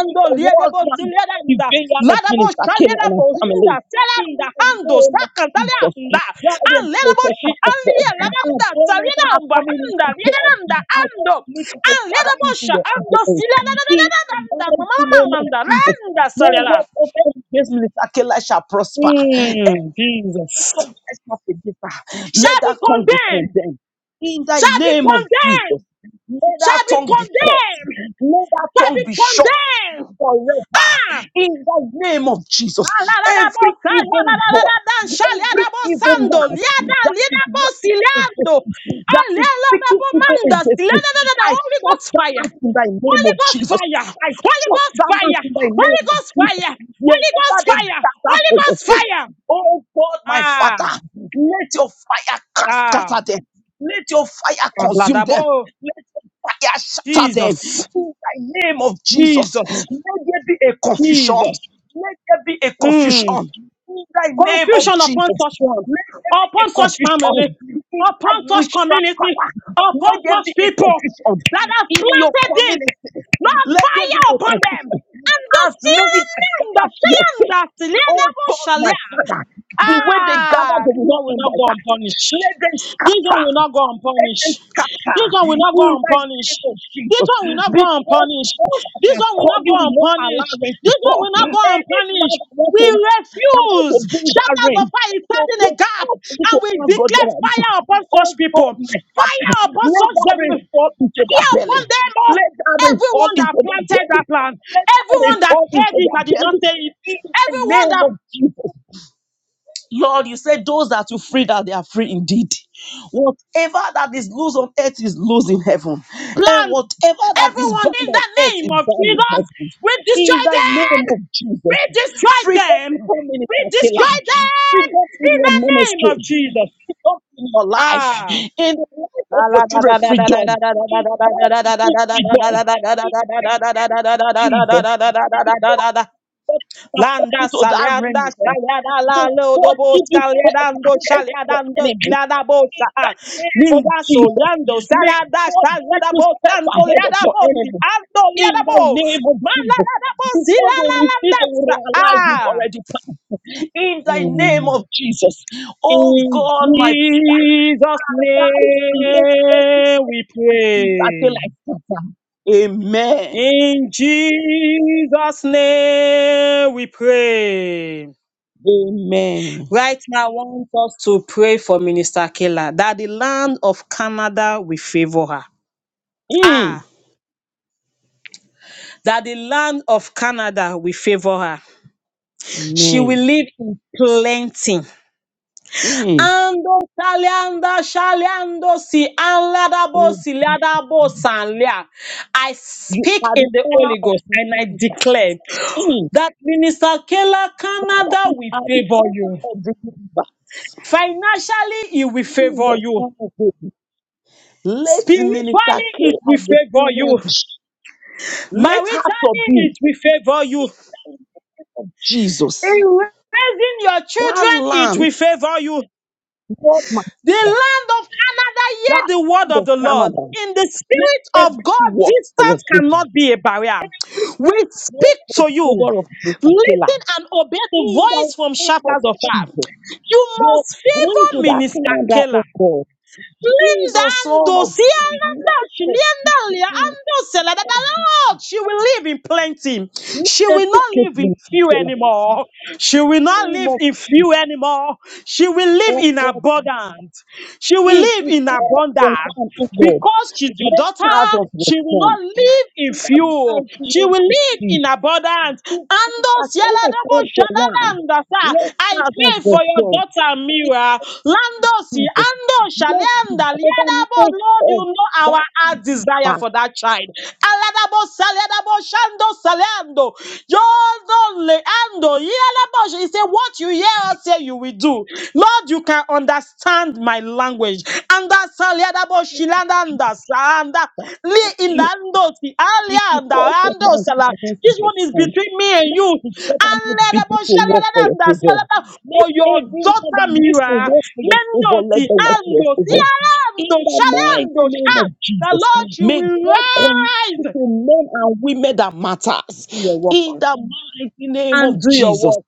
Speaker 3: Put your word
Speaker 2: liadabo
Speaker 3: down the
Speaker 2: siliadanda
Speaker 3: vineyard of
Speaker 2: ladabo
Speaker 3: Minister Kayla and
Speaker 2: shaliadabo
Speaker 3: her
Speaker 2: hinda
Speaker 3: family. In
Speaker 2: selanda
Speaker 3: the
Speaker 2: hando
Speaker 3: name of Jesus.
Speaker 2: sakandalianda
Speaker 3: Guide
Speaker 2: and
Speaker 3: and
Speaker 2: ledabo
Speaker 3: protect
Speaker 2: shi
Speaker 3: her, oh God.
Speaker 2: alia
Speaker 3: Our
Speaker 2: ladanda
Speaker 3: going out and our
Speaker 2: saliadamba
Speaker 3: coming
Speaker 2: anda
Speaker 3: into God.
Speaker 2: liadanda
Speaker 3: I
Speaker 2: ando
Speaker 3: Commit your
Speaker 2: and
Speaker 3: Father
Speaker 2: ledabo
Speaker 3: into
Speaker 2: sha
Speaker 3: your
Speaker 2: ando
Speaker 3: able hand. In the
Speaker 2: siliadanda
Speaker 3: mighty
Speaker 2: mama mama
Speaker 3: name of
Speaker 2: manda
Speaker 3: Jesus,
Speaker 2: landa
Speaker 3: no
Speaker 2: saliada.
Speaker 3: weapon formed against Minister Keller shall prosper. Every
Speaker 2: Mm, Jesus
Speaker 3: weapon that's not against her,
Speaker 2: shall
Speaker 3: Let
Speaker 2: be
Speaker 3: that tongue be
Speaker 2: condemned,
Speaker 3: condemned. In the
Speaker 2: shall be
Speaker 3: name of Jesus,
Speaker 2: condemned,
Speaker 3: let that
Speaker 2: shall be
Speaker 3: tongue be caught.
Speaker 2: condemned
Speaker 3: Let that
Speaker 2: shall
Speaker 3: tongue
Speaker 2: be
Speaker 3: be shut
Speaker 2: condemned.
Speaker 3: forever
Speaker 2: Ah!
Speaker 3: in the name of Jesus. Every
Speaker 2: Alalalabota,
Speaker 3: evil
Speaker 2: yalalalaladan,
Speaker 3: voice, every evil
Speaker 2: shaliadabosando,
Speaker 3: man
Speaker 2: liada,
Speaker 3: that is writing against
Speaker 2: liadabosilando.
Speaker 3: you, that is speaking evil
Speaker 2: Alelababomanda,
Speaker 3: against you,
Speaker 2: siladadadada,
Speaker 3: I
Speaker 2: Holy
Speaker 3: shut
Speaker 2: Ghost
Speaker 3: that
Speaker 2: fire.
Speaker 3: out in the name
Speaker 2: Holy
Speaker 3: of
Speaker 2: Ghost
Speaker 3: Jesus.
Speaker 2: fire.
Speaker 3: I
Speaker 2: Holy
Speaker 3: shut
Speaker 2: Ghost
Speaker 3: that out
Speaker 2: fire.
Speaker 3: in the
Speaker 2: Holy
Speaker 3: name of
Speaker 2: Ghost fire.
Speaker 3: Jesus.
Speaker 2: Holy Ghost
Speaker 3: Wherever they
Speaker 2: fire.
Speaker 3: gather
Speaker 2: Holy
Speaker 3: for the
Speaker 2: Ghost
Speaker 3: sake,
Speaker 2: fire.
Speaker 3: oh God, my
Speaker 2: Ah,
Speaker 3: Father, let your fire cast-
Speaker 2: ah,
Speaker 3: scatter them. Let your fire consume them.
Speaker 2: Ladabo.
Speaker 3: Let your fire shatter them
Speaker 2: Jesus.
Speaker 3: in the name of Jesus.
Speaker 2: Jesus.
Speaker 3: Let there be a
Speaker 2: Jesus.
Speaker 3: confusion. Let there be a confusion
Speaker 2: Mm.
Speaker 3: in the name of
Speaker 2: Confusion upon
Speaker 3: Jesus.
Speaker 2: such one,
Speaker 3: Let there be a
Speaker 2: upon such family,
Speaker 3: confusion in
Speaker 2: upon
Speaker 3: that
Speaker 2: such
Speaker 3: witchcraft
Speaker 2: community,
Speaker 3: power.
Speaker 2: upon
Speaker 3: Let there be
Speaker 2: such
Speaker 3: a
Speaker 2: people
Speaker 3: confusion
Speaker 2: that have
Speaker 3: in your
Speaker 2: planted this.
Speaker 3: community.
Speaker 2: Lord,
Speaker 3: Let there be
Speaker 2: fire
Speaker 3: a
Speaker 2: upon them.
Speaker 3: confession.
Speaker 2: And the
Speaker 3: As
Speaker 2: still
Speaker 3: many that gather for your sake,
Speaker 2: and
Speaker 3: oh
Speaker 2: the
Speaker 3: God, my
Speaker 2: shall
Speaker 3: Father, the way they gather,
Speaker 2: Ah,
Speaker 3: they
Speaker 2: this
Speaker 3: will not
Speaker 2: one will
Speaker 3: end
Speaker 2: not go
Speaker 3: like that.
Speaker 2: unpunished.
Speaker 3: Let them
Speaker 2: This one will
Speaker 3: scatter.
Speaker 2: not go
Speaker 3: Let them
Speaker 2: unpunished.
Speaker 3: scatter
Speaker 2: This one will not go
Speaker 3: in the
Speaker 2: unpunished.
Speaker 3: name of
Speaker 2: This
Speaker 3: Jesus.
Speaker 2: one will not go
Speaker 3: Because God
Speaker 2: unpunished.
Speaker 3: that
Speaker 2: This
Speaker 3: has
Speaker 2: one will
Speaker 3: called
Speaker 2: not
Speaker 3: you
Speaker 2: go
Speaker 3: will not allow
Speaker 2: unpunished.
Speaker 3: rain to
Speaker 2: This one
Speaker 3: fall.
Speaker 2: will not go
Speaker 3: Any man
Speaker 2: unpunished.
Speaker 3: that wants
Speaker 2: We
Speaker 3: to, that wants to
Speaker 2: refuse.
Speaker 3: bring that
Speaker 2: Shatters of
Speaker 3: rain,
Speaker 2: fire is
Speaker 3: so
Speaker 2: standing
Speaker 3: to
Speaker 2: a gap,
Speaker 3: ask you
Speaker 2: and
Speaker 3: to
Speaker 2: we
Speaker 3: ask God, you're
Speaker 2: declare
Speaker 3: like,
Speaker 2: fire upon such
Speaker 3: oh God,
Speaker 2: people.
Speaker 3: my Father,
Speaker 2: Fire upon
Speaker 3: let
Speaker 2: such
Speaker 3: that
Speaker 2: them
Speaker 3: rain fall into their
Speaker 2: fire upon
Speaker 3: belly.
Speaker 2: them all.
Speaker 3: Let that rain fall
Speaker 2: Everyone
Speaker 3: into
Speaker 2: that
Speaker 3: their
Speaker 2: planted
Speaker 3: belly.
Speaker 2: that plant,
Speaker 3: Let that rain
Speaker 2: everyone that
Speaker 3: fall
Speaker 2: said
Speaker 3: into
Speaker 2: it,
Speaker 3: their
Speaker 2: I did not
Speaker 3: belly.
Speaker 2: say it.
Speaker 3: In the
Speaker 2: Everyone
Speaker 3: name
Speaker 2: that.
Speaker 3: of Jesus. Lord, you said those that you free that they are free indeed. Whatever that is loose on earth is loose in heaven, and
Speaker 2: Plant
Speaker 3: whatever that is
Speaker 2: everyone
Speaker 3: bound
Speaker 2: in
Speaker 3: on
Speaker 2: the
Speaker 3: earth
Speaker 2: name
Speaker 3: is
Speaker 2: of
Speaker 3: bound in
Speaker 2: Jesus.
Speaker 3: heaven.
Speaker 2: We
Speaker 3: In
Speaker 2: destroy
Speaker 3: the
Speaker 2: them.
Speaker 3: name of
Speaker 2: We
Speaker 3: Jesus,
Speaker 2: destroy
Speaker 3: freedom
Speaker 2: them.
Speaker 3: upon
Speaker 2: We
Speaker 3: minister
Speaker 2: destroy
Speaker 3: Kela,
Speaker 2: them
Speaker 3: freedom in
Speaker 2: in
Speaker 3: your
Speaker 2: the name of
Speaker 3: ministry,
Speaker 2: Jesus.
Speaker 3: freedom in your life, in the life of your children, freedom, in all people, freedom, in the name of Jesus.
Speaker 2: Ah.
Speaker 3: God catapult
Speaker 2: Landa
Speaker 3: you to that realm
Speaker 2: salianda
Speaker 3: you want.
Speaker 2: shaliada la
Speaker 3: May God
Speaker 2: lodobo
Speaker 3: give you faith
Speaker 2: saliadando
Speaker 3: ahead of your
Speaker 2: shaliadando
Speaker 3: enemy.
Speaker 2: saliada bosa
Speaker 3: In the
Speaker 2: ah.
Speaker 3: name of
Speaker 2: linda
Speaker 3: Jesus,
Speaker 2: soliando
Speaker 3: may
Speaker 2: saliada
Speaker 3: God give
Speaker 2: shaliada
Speaker 3: you step
Speaker 2: bosando
Speaker 3: ahead of
Speaker 2: liada
Speaker 3: your
Speaker 2: bosi
Speaker 3: enemies.
Speaker 2: ando liada
Speaker 3: In the
Speaker 2: bo
Speaker 3: name of
Speaker 2: mala
Speaker 3: Jesus,
Speaker 2: bosi
Speaker 3: before
Speaker 2: la
Speaker 3: they
Speaker 2: la
Speaker 3: will see,
Speaker 2: landa
Speaker 3: they will
Speaker 2: sa
Speaker 3: realize you've
Speaker 2: ah.
Speaker 3: already passed. In the name
Speaker 2: Mm.
Speaker 3: of Jesus, oh
Speaker 2: In
Speaker 3: God, my
Speaker 2: Jesus'
Speaker 3: father, let every
Speaker 2: name we
Speaker 3: enemy that feel
Speaker 2: pray.
Speaker 3: like Satan. Amen.
Speaker 2: In Jesus' name we pray.
Speaker 3: Amen.
Speaker 2: Right now, I want us to pray for Minister Kela that the land of Canada will favor her.
Speaker 3: Mm.
Speaker 2: Ah, that the land of Canada will favor her. She will
Speaker 3: Amen.
Speaker 2: live in plenty.
Speaker 3: Mm.
Speaker 2: Ando salianda shaliando si anladabo siliadabo sanlia. I
Speaker 3: You
Speaker 2: speak
Speaker 3: are
Speaker 2: in
Speaker 3: the
Speaker 2: the
Speaker 3: owner
Speaker 2: Holy
Speaker 3: of
Speaker 2: Ghost
Speaker 3: the
Speaker 2: and I
Speaker 3: universe.
Speaker 2: declare
Speaker 3: You
Speaker 2: that Minister Kela, Canada will
Speaker 3: are the
Speaker 2: favor
Speaker 3: owner
Speaker 2: you.
Speaker 3: of the universe.
Speaker 2: Financially, he will
Speaker 3: You
Speaker 2: favor
Speaker 3: the
Speaker 2: you.
Speaker 3: son of David. Let Minister
Speaker 2: Spiritually, it
Speaker 3: Kayla
Speaker 2: will
Speaker 3: the
Speaker 2: favor you.
Speaker 3: challenge. Let her
Speaker 2: Maritally,
Speaker 3: subdue in
Speaker 2: it will favor you.
Speaker 3: the name of Jesus.
Speaker 2: In raising your
Speaker 3: That
Speaker 2: children, it
Speaker 3: land,
Speaker 2: will favor you.
Speaker 3: Lord my
Speaker 2: The
Speaker 3: Father,
Speaker 2: land of Canada, hear
Speaker 3: that
Speaker 2: the word
Speaker 3: land
Speaker 2: of
Speaker 3: of
Speaker 2: the Lord.
Speaker 3: Canada.
Speaker 2: In the
Speaker 3: Let
Speaker 2: spirit of
Speaker 3: everything
Speaker 2: God,
Speaker 3: work for your
Speaker 2: distance
Speaker 3: favor.
Speaker 2: cannot be a barrier.
Speaker 3: Everything
Speaker 2: We
Speaker 3: work
Speaker 2: speak
Speaker 3: for
Speaker 2: to
Speaker 3: the
Speaker 2: you.
Speaker 3: favor of Minister Kayla.
Speaker 2: Listen and obey the
Speaker 3: In the
Speaker 2: voice from
Speaker 3: name of
Speaker 2: shatters of fire.
Speaker 3: Jesus,
Speaker 2: You
Speaker 3: you're
Speaker 2: must
Speaker 3: going
Speaker 2: favor
Speaker 3: to that
Speaker 2: Minister
Speaker 3: Canada,
Speaker 2: Keller.
Speaker 3: oh God.
Speaker 2: Linda
Speaker 3: Jesus, son
Speaker 2: Ando,
Speaker 3: of
Speaker 2: see
Speaker 3: David,
Speaker 2: Linda, she Linda Ando Sela, that the Lord, she will live in plenty. She
Speaker 3: let
Speaker 2: will
Speaker 3: your
Speaker 2: not
Speaker 3: being blessed
Speaker 2: live in
Speaker 3: locately,
Speaker 2: few
Speaker 3: Angela.
Speaker 2: anymore. She will not
Speaker 3: name
Speaker 2: live
Speaker 3: of
Speaker 2: in
Speaker 3: Jesus,
Speaker 2: few anymore. She will live
Speaker 3: oh
Speaker 2: in
Speaker 3: God,
Speaker 2: abundance. She will
Speaker 3: if
Speaker 2: live
Speaker 3: you
Speaker 2: in
Speaker 3: call for
Speaker 2: abundance.
Speaker 3: one, oh God,
Speaker 2: Because she's your
Speaker 3: let
Speaker 2: daughter,
Speaker 3: thousands
Speaker 2: she will
Speaker 3: respond.
Speaker 2: not live in
Speaker 3: In the
Speaker 2: fear.
Speaker 3: mighty
Speaker 2: She
Speaker 3: name
Speaker 2: will
Speaker 3: of
Speaker 2: live in
Speaker 3: Jesus,
Speaker 2: abundance. And
Speaker 3: if you
Speaker 2: those yellow double
Speaker 3: call for one,
Speaker 2: shanalanda,
Speaker 3: let
Speaker 2: sir. I
Speaker 3: thousands
Speaker 2: pray for your
Speaker 3: respond.
Speaker 2: daughter
Speaker 3: In
Speaker 2: Mira.
Speaker 3: the name of
Speaker 2: Landosi
Speaker 3: Jesus,
Speaker 2: Ando
Speaker 3: let the
Speaker 2: Shalanda Liadabo.
Speaker 3: government
Speaker 2: Lord, you
Speaker 3: of
Speaker 2: know our heart desire
Speaker 3: that
Speaker 2: for that child bo salada bo shando salando. Yodo le He said, What you hear us say you will do. Lord, you can understand my language. Anda salada bo
Speaker 3: back,
Speaker 2: shilanda salanda. Li indando ti
Speaker 3: If
Speaker 2: alia
Speaker 3: you call for
Speaker 2: ando
Speaker 3: once,
Speaker 2: sala.
Speaker 3: you must
Speaker 2: This one is
Speaker 3: respond.
Speaker 2: between me and
Speaker 3: Make
Speaker 2: you.
Speaker 3: the government
Speaker 2: Alada bo
Speaker 3: begin to work for
Speaker 2: shalada
Speaker 3: your favor.
Speaker 2: salada. For
Speaker 3: Make
Speaker 2: your
Speaker 3: everyone
Speaker 2: daughter
Speaker 3: that needs to
Speaker 2: Mira.
Speaker 3: work for your favor,
Speaker 2: Mendoti
Speaker 3: let them work for your
Speaker 2: ando ti
Speaker 3: favor.
Speaker 2: alando
Speaker 3: In the
Speaker 2: shalando
Speaker 3: mighty name of
Speaker 2: shat. The
Speaker 3: Jesus,
Speaker 2: Lord, you
Speaker 3: may
Speaker 2: will
Speaker 3: God connect you
Speaker 2: rise
Speaker 3: to men and women that
Speaker 2: do your
Speaker 3: matters.
Speaker 2: work
Speaker 3: In the mighty name
Speaker 2: and
Speaker 3: of
Speaker 2: do your
Speaker 3: Jesus,
Speaker 2: work.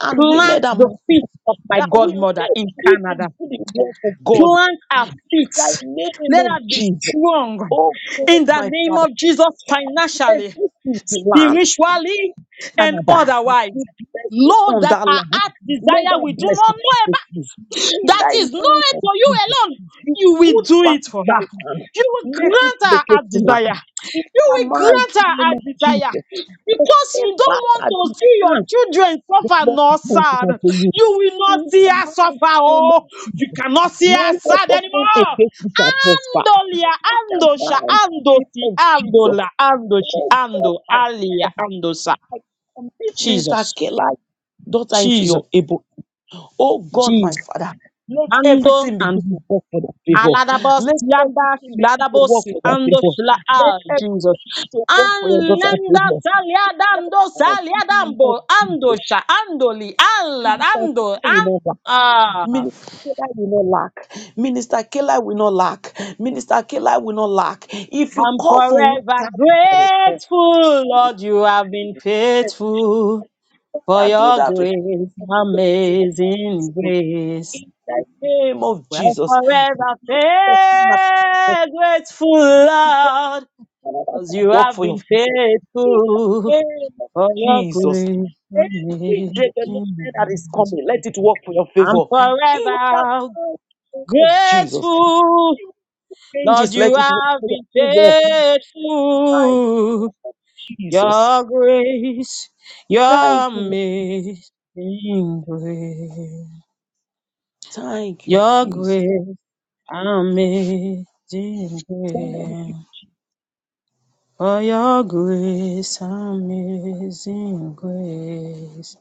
Speaker 3: and women
Speaker 2: Plant
Speaker 3: that
Speaker 2: the
Speaker 3: matter,
Speaker 2: feet of my
Speaker 3: that we
Speaker 2: godmother
Speaker 3: make
Speaker 2: in
Speaker 3: it to do
Speaker 2: Canada.
Speaker 3: the work of God.
Speaker 2: Plant our
Speaker 3: In the
Speaker 2: feet.
Speaker 3: name
Speaker 2: Let
Speaker 3: of
Speaker 2: us be
Speaker 3: Jesus,
Speaker 2: strong
Speaker 3: oh God,
Speaker 2: in the
Speaker 3: my
Speaker 2: name
Speaker 3: Father,
Speaker 2: of Jesus
Speaker 3: bless
Speaker 2: financially,
Speaker 3: this land
Speaker 2: spiritually, and
Speaker 3: Canada. The
Speaker 2: otherwise.
Speaker 3: blessings
Speaker 2: Lord,
Speaker 3: on
Speaker 2: that
Speaker 3: that
Speaker 2: our
Speaker 3: land,
Speaker 2: heart
Speaker 3: let
Speaker 2: desire we
Speaker 3: that
Speaker 2: do not
Speaker 3: blessing
Speaker 2: know
Speaker 3: be
Speaker 2: about.
Speaker 3: you. In
Speaker 2: that
Speaker 3: thy
Speaker 2: is known
Speaker 3: name of
Speaker 2: to you
Speaker 3: Jesus,
Speaker 2: alone,
Speaker 3: the
Speaker 2: you will
Speaker 3: good
Speaker 2: do
Speaker 3: part
Speaker 2: it
Speaker 3: of
Speaker 2: for her.
Speaker 3: that land,
Speaker 2: You will
Speaker 3: let it
Speaker 2: grant her her
Speaker 3: locate you now.
Speaker 2: desire.
Speaker 3: In
Speaker 2: You
Speaker 3: the
Speaker 2: will
Speaker 3: mighty
Speaker 2: grant her
Speaker 3: name
Speaker 2: her
Speaker 3: of
Speaker 2: desire
Speaker 3: Jesus, the
Speaker 2: because you
Speaker 3: same
Speaker 2: don't
Speaker 3: part
Speaker 2: want
Speaker 3: that you
Speaker 2: to see your
Speaker 3: have,
Speaker 2: children
Speaker 3: the
Speaker 2: suffer
Speaker 3: Lord
Speaker 2: nor
Speaker 3: is going to
Speaker 2: sad.
Speaker 3: unto you.
Speaker 2: You will not
Speaker 3: In
Speaker 2: see
Speaker 3: the
Speaker 2: her suffer.
Speaker 3: mighty name
Speaker 2: Oh,
Speaker 3: of
Speaker 2: you
Speaker 3: Jesus,
Speaker 2: cannot see her
Speaker 3: no
Speaker 2: sad
Speaker 3: weapon formed
Speaker 2: anymore.
Speaker 3: against you shall prosper.
Speaker 2: Andolia,
Speaker 3: In the
Speaker 2: andosha,
Speaker 3: mighty name
Speaker 2: andosi,
Speaker 3: of Jesus,
Speaker 2: andola, andoshi,
Speaker 3: oh God,
Speaker 2: ando,
Speaker 3: I
Speaker 2: alia, andosa.
Speaker 3: like, um, this minister
Speaker 2: Jesus,
Speaker 3: Kela daughter into
Speaker 2: Jesus,
Speaker 3: your able. Oh God, my
Speaker 2: Jesus.
Speaker 3: Father, let
Speaker 2: Ando
Speaker 3: everything begin
Speaker 2: and
Speaker 3: to work for that favor.
Speaker 2: Aladabos
Speaker 3: Let
Speaker 2: yanda
Speaker 3: everything begin to
Speaker 2: shladabos
Speaker 3: work for that
Speaker 2: ando
Speaker 3: favor.
Speaker 2: shla
Speaker 3: Let
Speaker 2: ah Jesus.
Speaker 3: everything begin to work for your daughter's
Speaker 2: Anlenda
Speaker 3: favor. In the
Speaker 2: saliadando
Speaker 3: mighty name of
Speaker 2: saliadambo ando
Speaker 3: Jesus,
Speaker 2: sha andoli Allah
Speaker 3: Minister
Speaker 2: ando
Speaker 3: Kela will
Speaker 2: an-
Speaker 3: not lack.
Speaker 2: ah.
Speaker 3: Minister Kela will not lack. Minister Kela will not lack. Minister Kela will not lack. If you
Speaker 2: I'm
Speaker 3: call from one
Speaker 2: forever
Speaker 3: time, you shall respond.
Speaker 2: grateful, Lord. You have been faithful
Speaker 3: Oh,
Speaker 2: for
Speaker 3: Father, do
Speaker 2: your
Speaker 3: that to
Speaker 2: grace,
Speaker 3: your daughter's
Speaker 2: amazing
Speaker 3: favor
Speaker 2: grace.
Speaker 3: in the name of
Speaker 2: Well,
Speaker 3: Jesus.
Speaker 2: forever
Speaker 3: Lord of miracles,
Speaker 2: faith, grateful,
Speaker 3: the God
Speaker 2: Lord,
Speaker 3: that
Speaker 2: 'cause you
Speaker 3: work
Speaker 2: have
Speaker 3: for your
Speaker 2: been
Speaker 3: people. In the
Speaker 2: faithful
Speaker 3: name of
Speaker 2: For your
Speaker 3: Jesus.
Speaker 2: grace
Speaker 3: Every
Speaker 2: amazing
Speaker 3: development that is
Speaker 2: grace.
Speaker 3: coming, let it work for your
Speaker 2: I'm
Speaker 3: favor. In the
Speaker 2: forever
Speaker 3: name of Jesus.
Speaker 2: grateful. Lord,
Speaker 3: Changes, let
Speaker 2: you
Speaker 3: it work
Speaker 2: have
Speaker 3: for
Speaker 2: been
Speaker 3: your favor. Thank
Speaker 2: faithful.
Speaker 3: Jesus.
Speaker 2: Your grace, your
Speaker 3: Thank you, Lord.
Speaker 2: amazing grace.
Speaker 3: Thank you,
Speaker 2: Your
Speaker 3: Jesus.
Speaker 2: grace, amazing
Speaker 3: Thank you.
Speaker 2: grace. For your grace, amazing grace.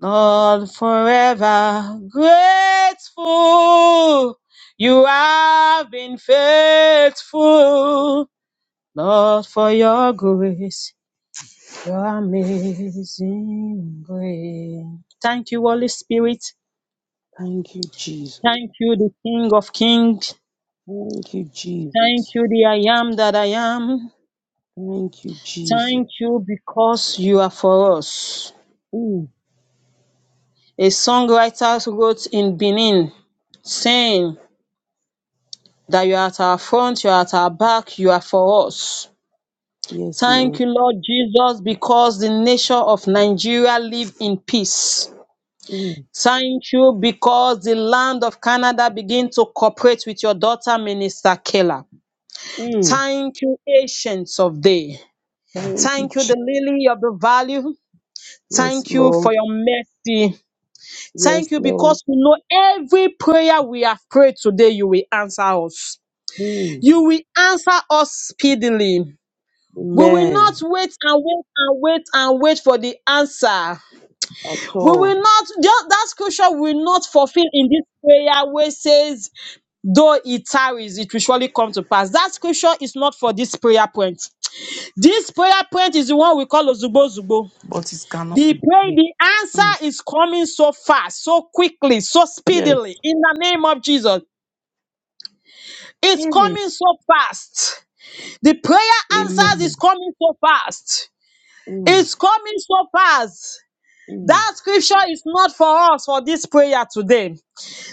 Speaker 2: Lord, forever grateful. You have been faithful. Lord, for your grace, your amazing grace. Thank you, Holy Spirit.
Speaker 3: Thank you, Jesus.
Speaker 2: Thank you, the King of Kings.
Speaker 3: Thank you,
Speaker 2: Thank
Speaker 3: Jesus.
Speaker 2: you, the I am that I am.
Speaker 3: Thank you, Jesus.
Speaker 2: Thank you because you are for us.
Speaker 3: Mm.
Speaker 2: A songwriter wrote in Benin saying, that you're at our front, you're at our back, you are for us.
Speaker 3: Yes,
Speaker 2: Thank
Speaker 3: Lord.
Speaker 2: you, Lord Jesus, because the nation of Nigeria live in peace.
Speaker 3: Mm.
Speaker 2: Thank you because the land of Canada begin to cooperate with your daughter, Minister Kayla.
Speaker 3: Mm.
Speaker 2: Thank you, Ancients of Day.
Speaker 3: Thank you,
Speaker 2: Thank you,
Speaker 3: Jesus.
Speaker 2: the Lily of the Valley.
Speaker 3: Yes,
Speaker 2: Thank you for
Speaker 3: Lord.
Speaker 2: your mercy. Thank
Speaker 3: Yes,
Speaker 2: you
Speaker 3: Lord.
Speaker 2: because we know every prayer we have prayed today, you will answer us.
Speaker 3: Mm.
Speaker 2: You will answer us speedily. We will not
Speaker 3: Amen.
Speaker 2: wait and wait and wait and wait for the answer.
Speaker 3: At
Speaker 2: We
Speaker 3: all.
Speaker 2: will not, ju- that scripture will not fulfill in this prayer where it says, though it tarries, it will surely come to pass. That scripture is not for this prayer point. This prayer point is the one we call Ozubo Zubo.
Speaker 3: But it cannot
Speaker 2: The
Speaker 3: be.
Speaker 2: pray,
Speaker 3: be-
Speaker 2: the
Speaker 3: Mm.
Speaker 2: answer is coming so fast, so quickly, so
Speaker 3: Yes.
Speaker 2: speedily in the name of Jesus. It's
Speaker 3: Mm.
Speaker 2: coming so fast. The prayer answers is
Speaker 3: Amen.
Speaker 2: coming so fast.
Speaker 3: Mm.
Speaker 2: It's coming so fast.
Speaker 3: Mm.
Speaker 2: That scripture is not for us for this prayer today.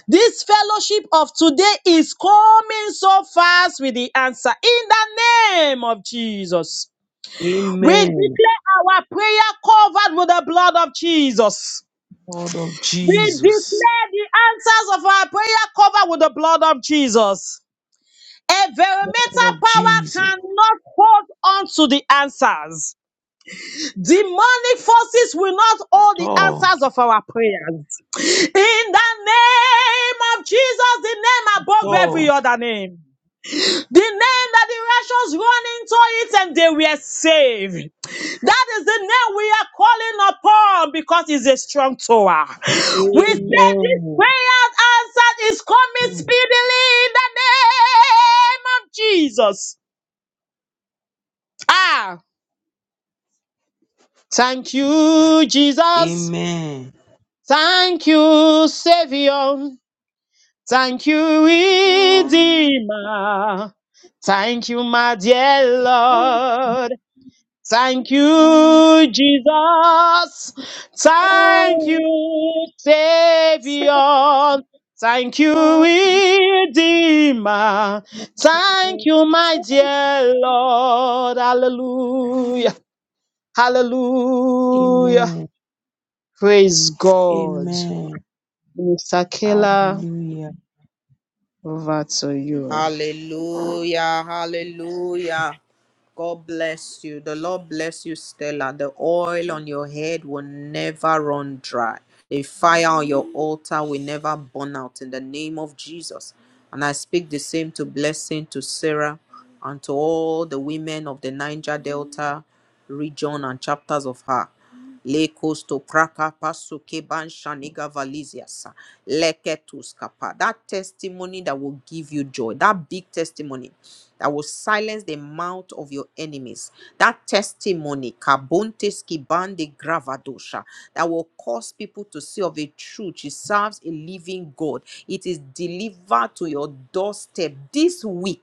Speaker 2: This fellowship of today is coming so fast with the answer in the name of Jesus. We
Speaker 3: Amen.
Speaker 2: declare our prayer covered with the blood of Jesus.
Speaker 3: Lord of
Speaker 2: We
Speaker 3: Jesus.
Speaker 2: declare the answers of our prayer covered with the blood of Jesus. Environmental
Speaker 3: Lord of
Speaker 2: power
Speaker 3: Jesus.
Speaker 2: cannot hold on to the answers. Demonic forces will not hold the
Speaker 3: Tall.
Speaker 2: answers of our prayers. In the name of Jesus, the name above every
Speaker 3: Tall.
Speaker 2: other name. The name that the righteous run into it and they were saved. That is the name we are calling upon because it's a strong tower. We say this
Speaker 3: Amen.
Speaker 2: prayer answered is coming
Speaker 3: Mm.
Speaker 2: speedily in the name of Jesus. Ah, thank you, Jesus.
Speaker 3: Amen.
Speaker 2: Thank you, Savior. Thank you, Redeemer. Thank you, my dear Lord. Thank you, Jesus. Thank you, Savior. Thank you, Redeemer. Thank you, my dear Lord. Hallelujah. Hallelujah.
Speaker 3: Amen.
Speaker 2: Praise God.
Speaker 3: Amen.
Speaker 2: Mr. Keller,
Speaker 3: Hallelujah.
Speaker 2: over to you.
Speaker 1: Hallelujah, hallelujah. God bless you. The Lord bless you, Stella. The oil on your head will never run dry. The fire on your altar will never burn out in the name of Jesus. And I speak the same to blessing to Sarah and to all the women of the Niger Delta region and chapters of her. Lekos to praka pasu keban shaniga Valiziasa, Leketus kapa. That testimony that will give you joy. That big testimony that will silence the mouth of your enemies. That testimony, kabontes kibande gravadosha, that will cause people to see of a truth. She serves a living God. It is delivered to your doorstep this week.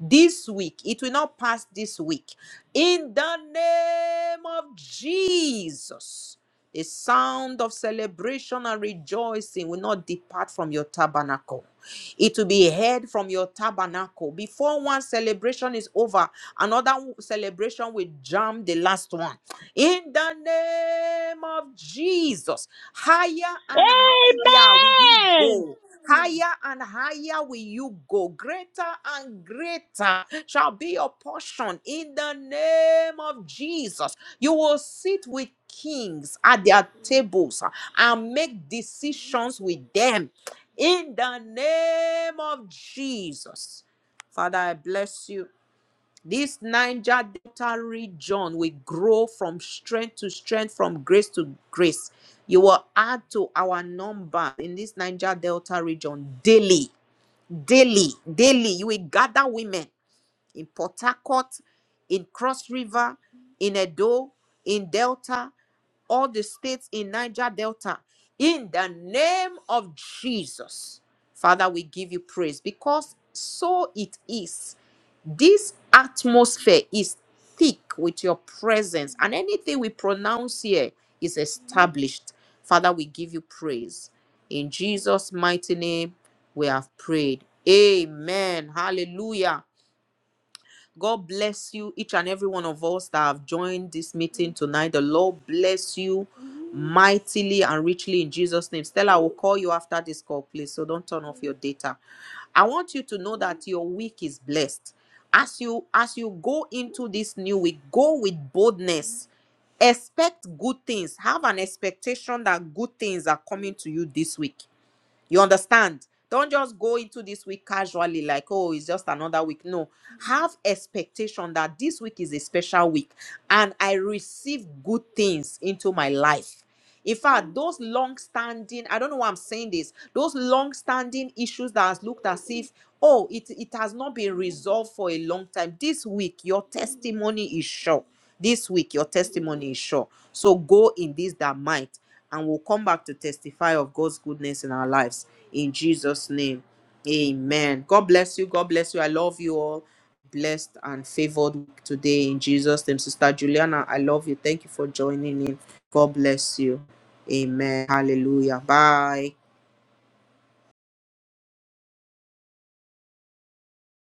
Speaker 1: This week, it will not pass this week. In the name of Jesus. The sound of celebration and rejoicing will not depart from your tabernacle it will be heard from your tabernacle. Before one celebration is over, another w- celebration will jam the last one. In the name of Jesus, higher and higher will you
Speaker 2: Amen.
Speaker 1: go. Higher and higher will you go. Greater and greater shall be your portion in the name of Jesus. You will sit with kings at their tables and make decisions with them in the name of Jesus. Father, I bless you. This Niger Delta region will grow from strength to strength, from grace to grace. You will add to our number in this Niger Delta region daily, daily, daily. You will gather women in Port Harcourt, in Cross River, in Edo, in Delta, all the states in Niger Delta. In the name of Jesus, Father, we give you praise because so it is. This atmosphere is thick with your presence, and anything we pronounce here is established. Father, we give you praise. In Jesus' mighty name, we have prayed. Amen. Hallelujah. God bless you, each and every one of us that have joined this meeting tonight. The Lord bless you mightily and richly in Jesus' name. Stella, I will call you after this call, please. So don't turn off your data. I want you to know that your week is blessed. As you as you go into this new week, go with boldness. Expect good things. Have an expectation that good things are coming to you this week. You understand? Don't just go into this week casually, like, oh, it's just another week. No, have expectation that this week is a special week and I receive good things into my life. In fact, those long standing, I don't know why I'm saying this, those long standing issues that has looked as if, oh, it, it has not been resolved for a long time. This week, your testimony is sure. This week, your testimony is sure. So go in this that might and we'll come back to testify of God's goodness in our lives. In Jesus' name, amen. God bless you. God bless you. I love you all. Blessed and favored today in Jesus' name. Sister Juliana, I love you. Thank you for joining in. God bless you. Amen. Hallelujah. Bye.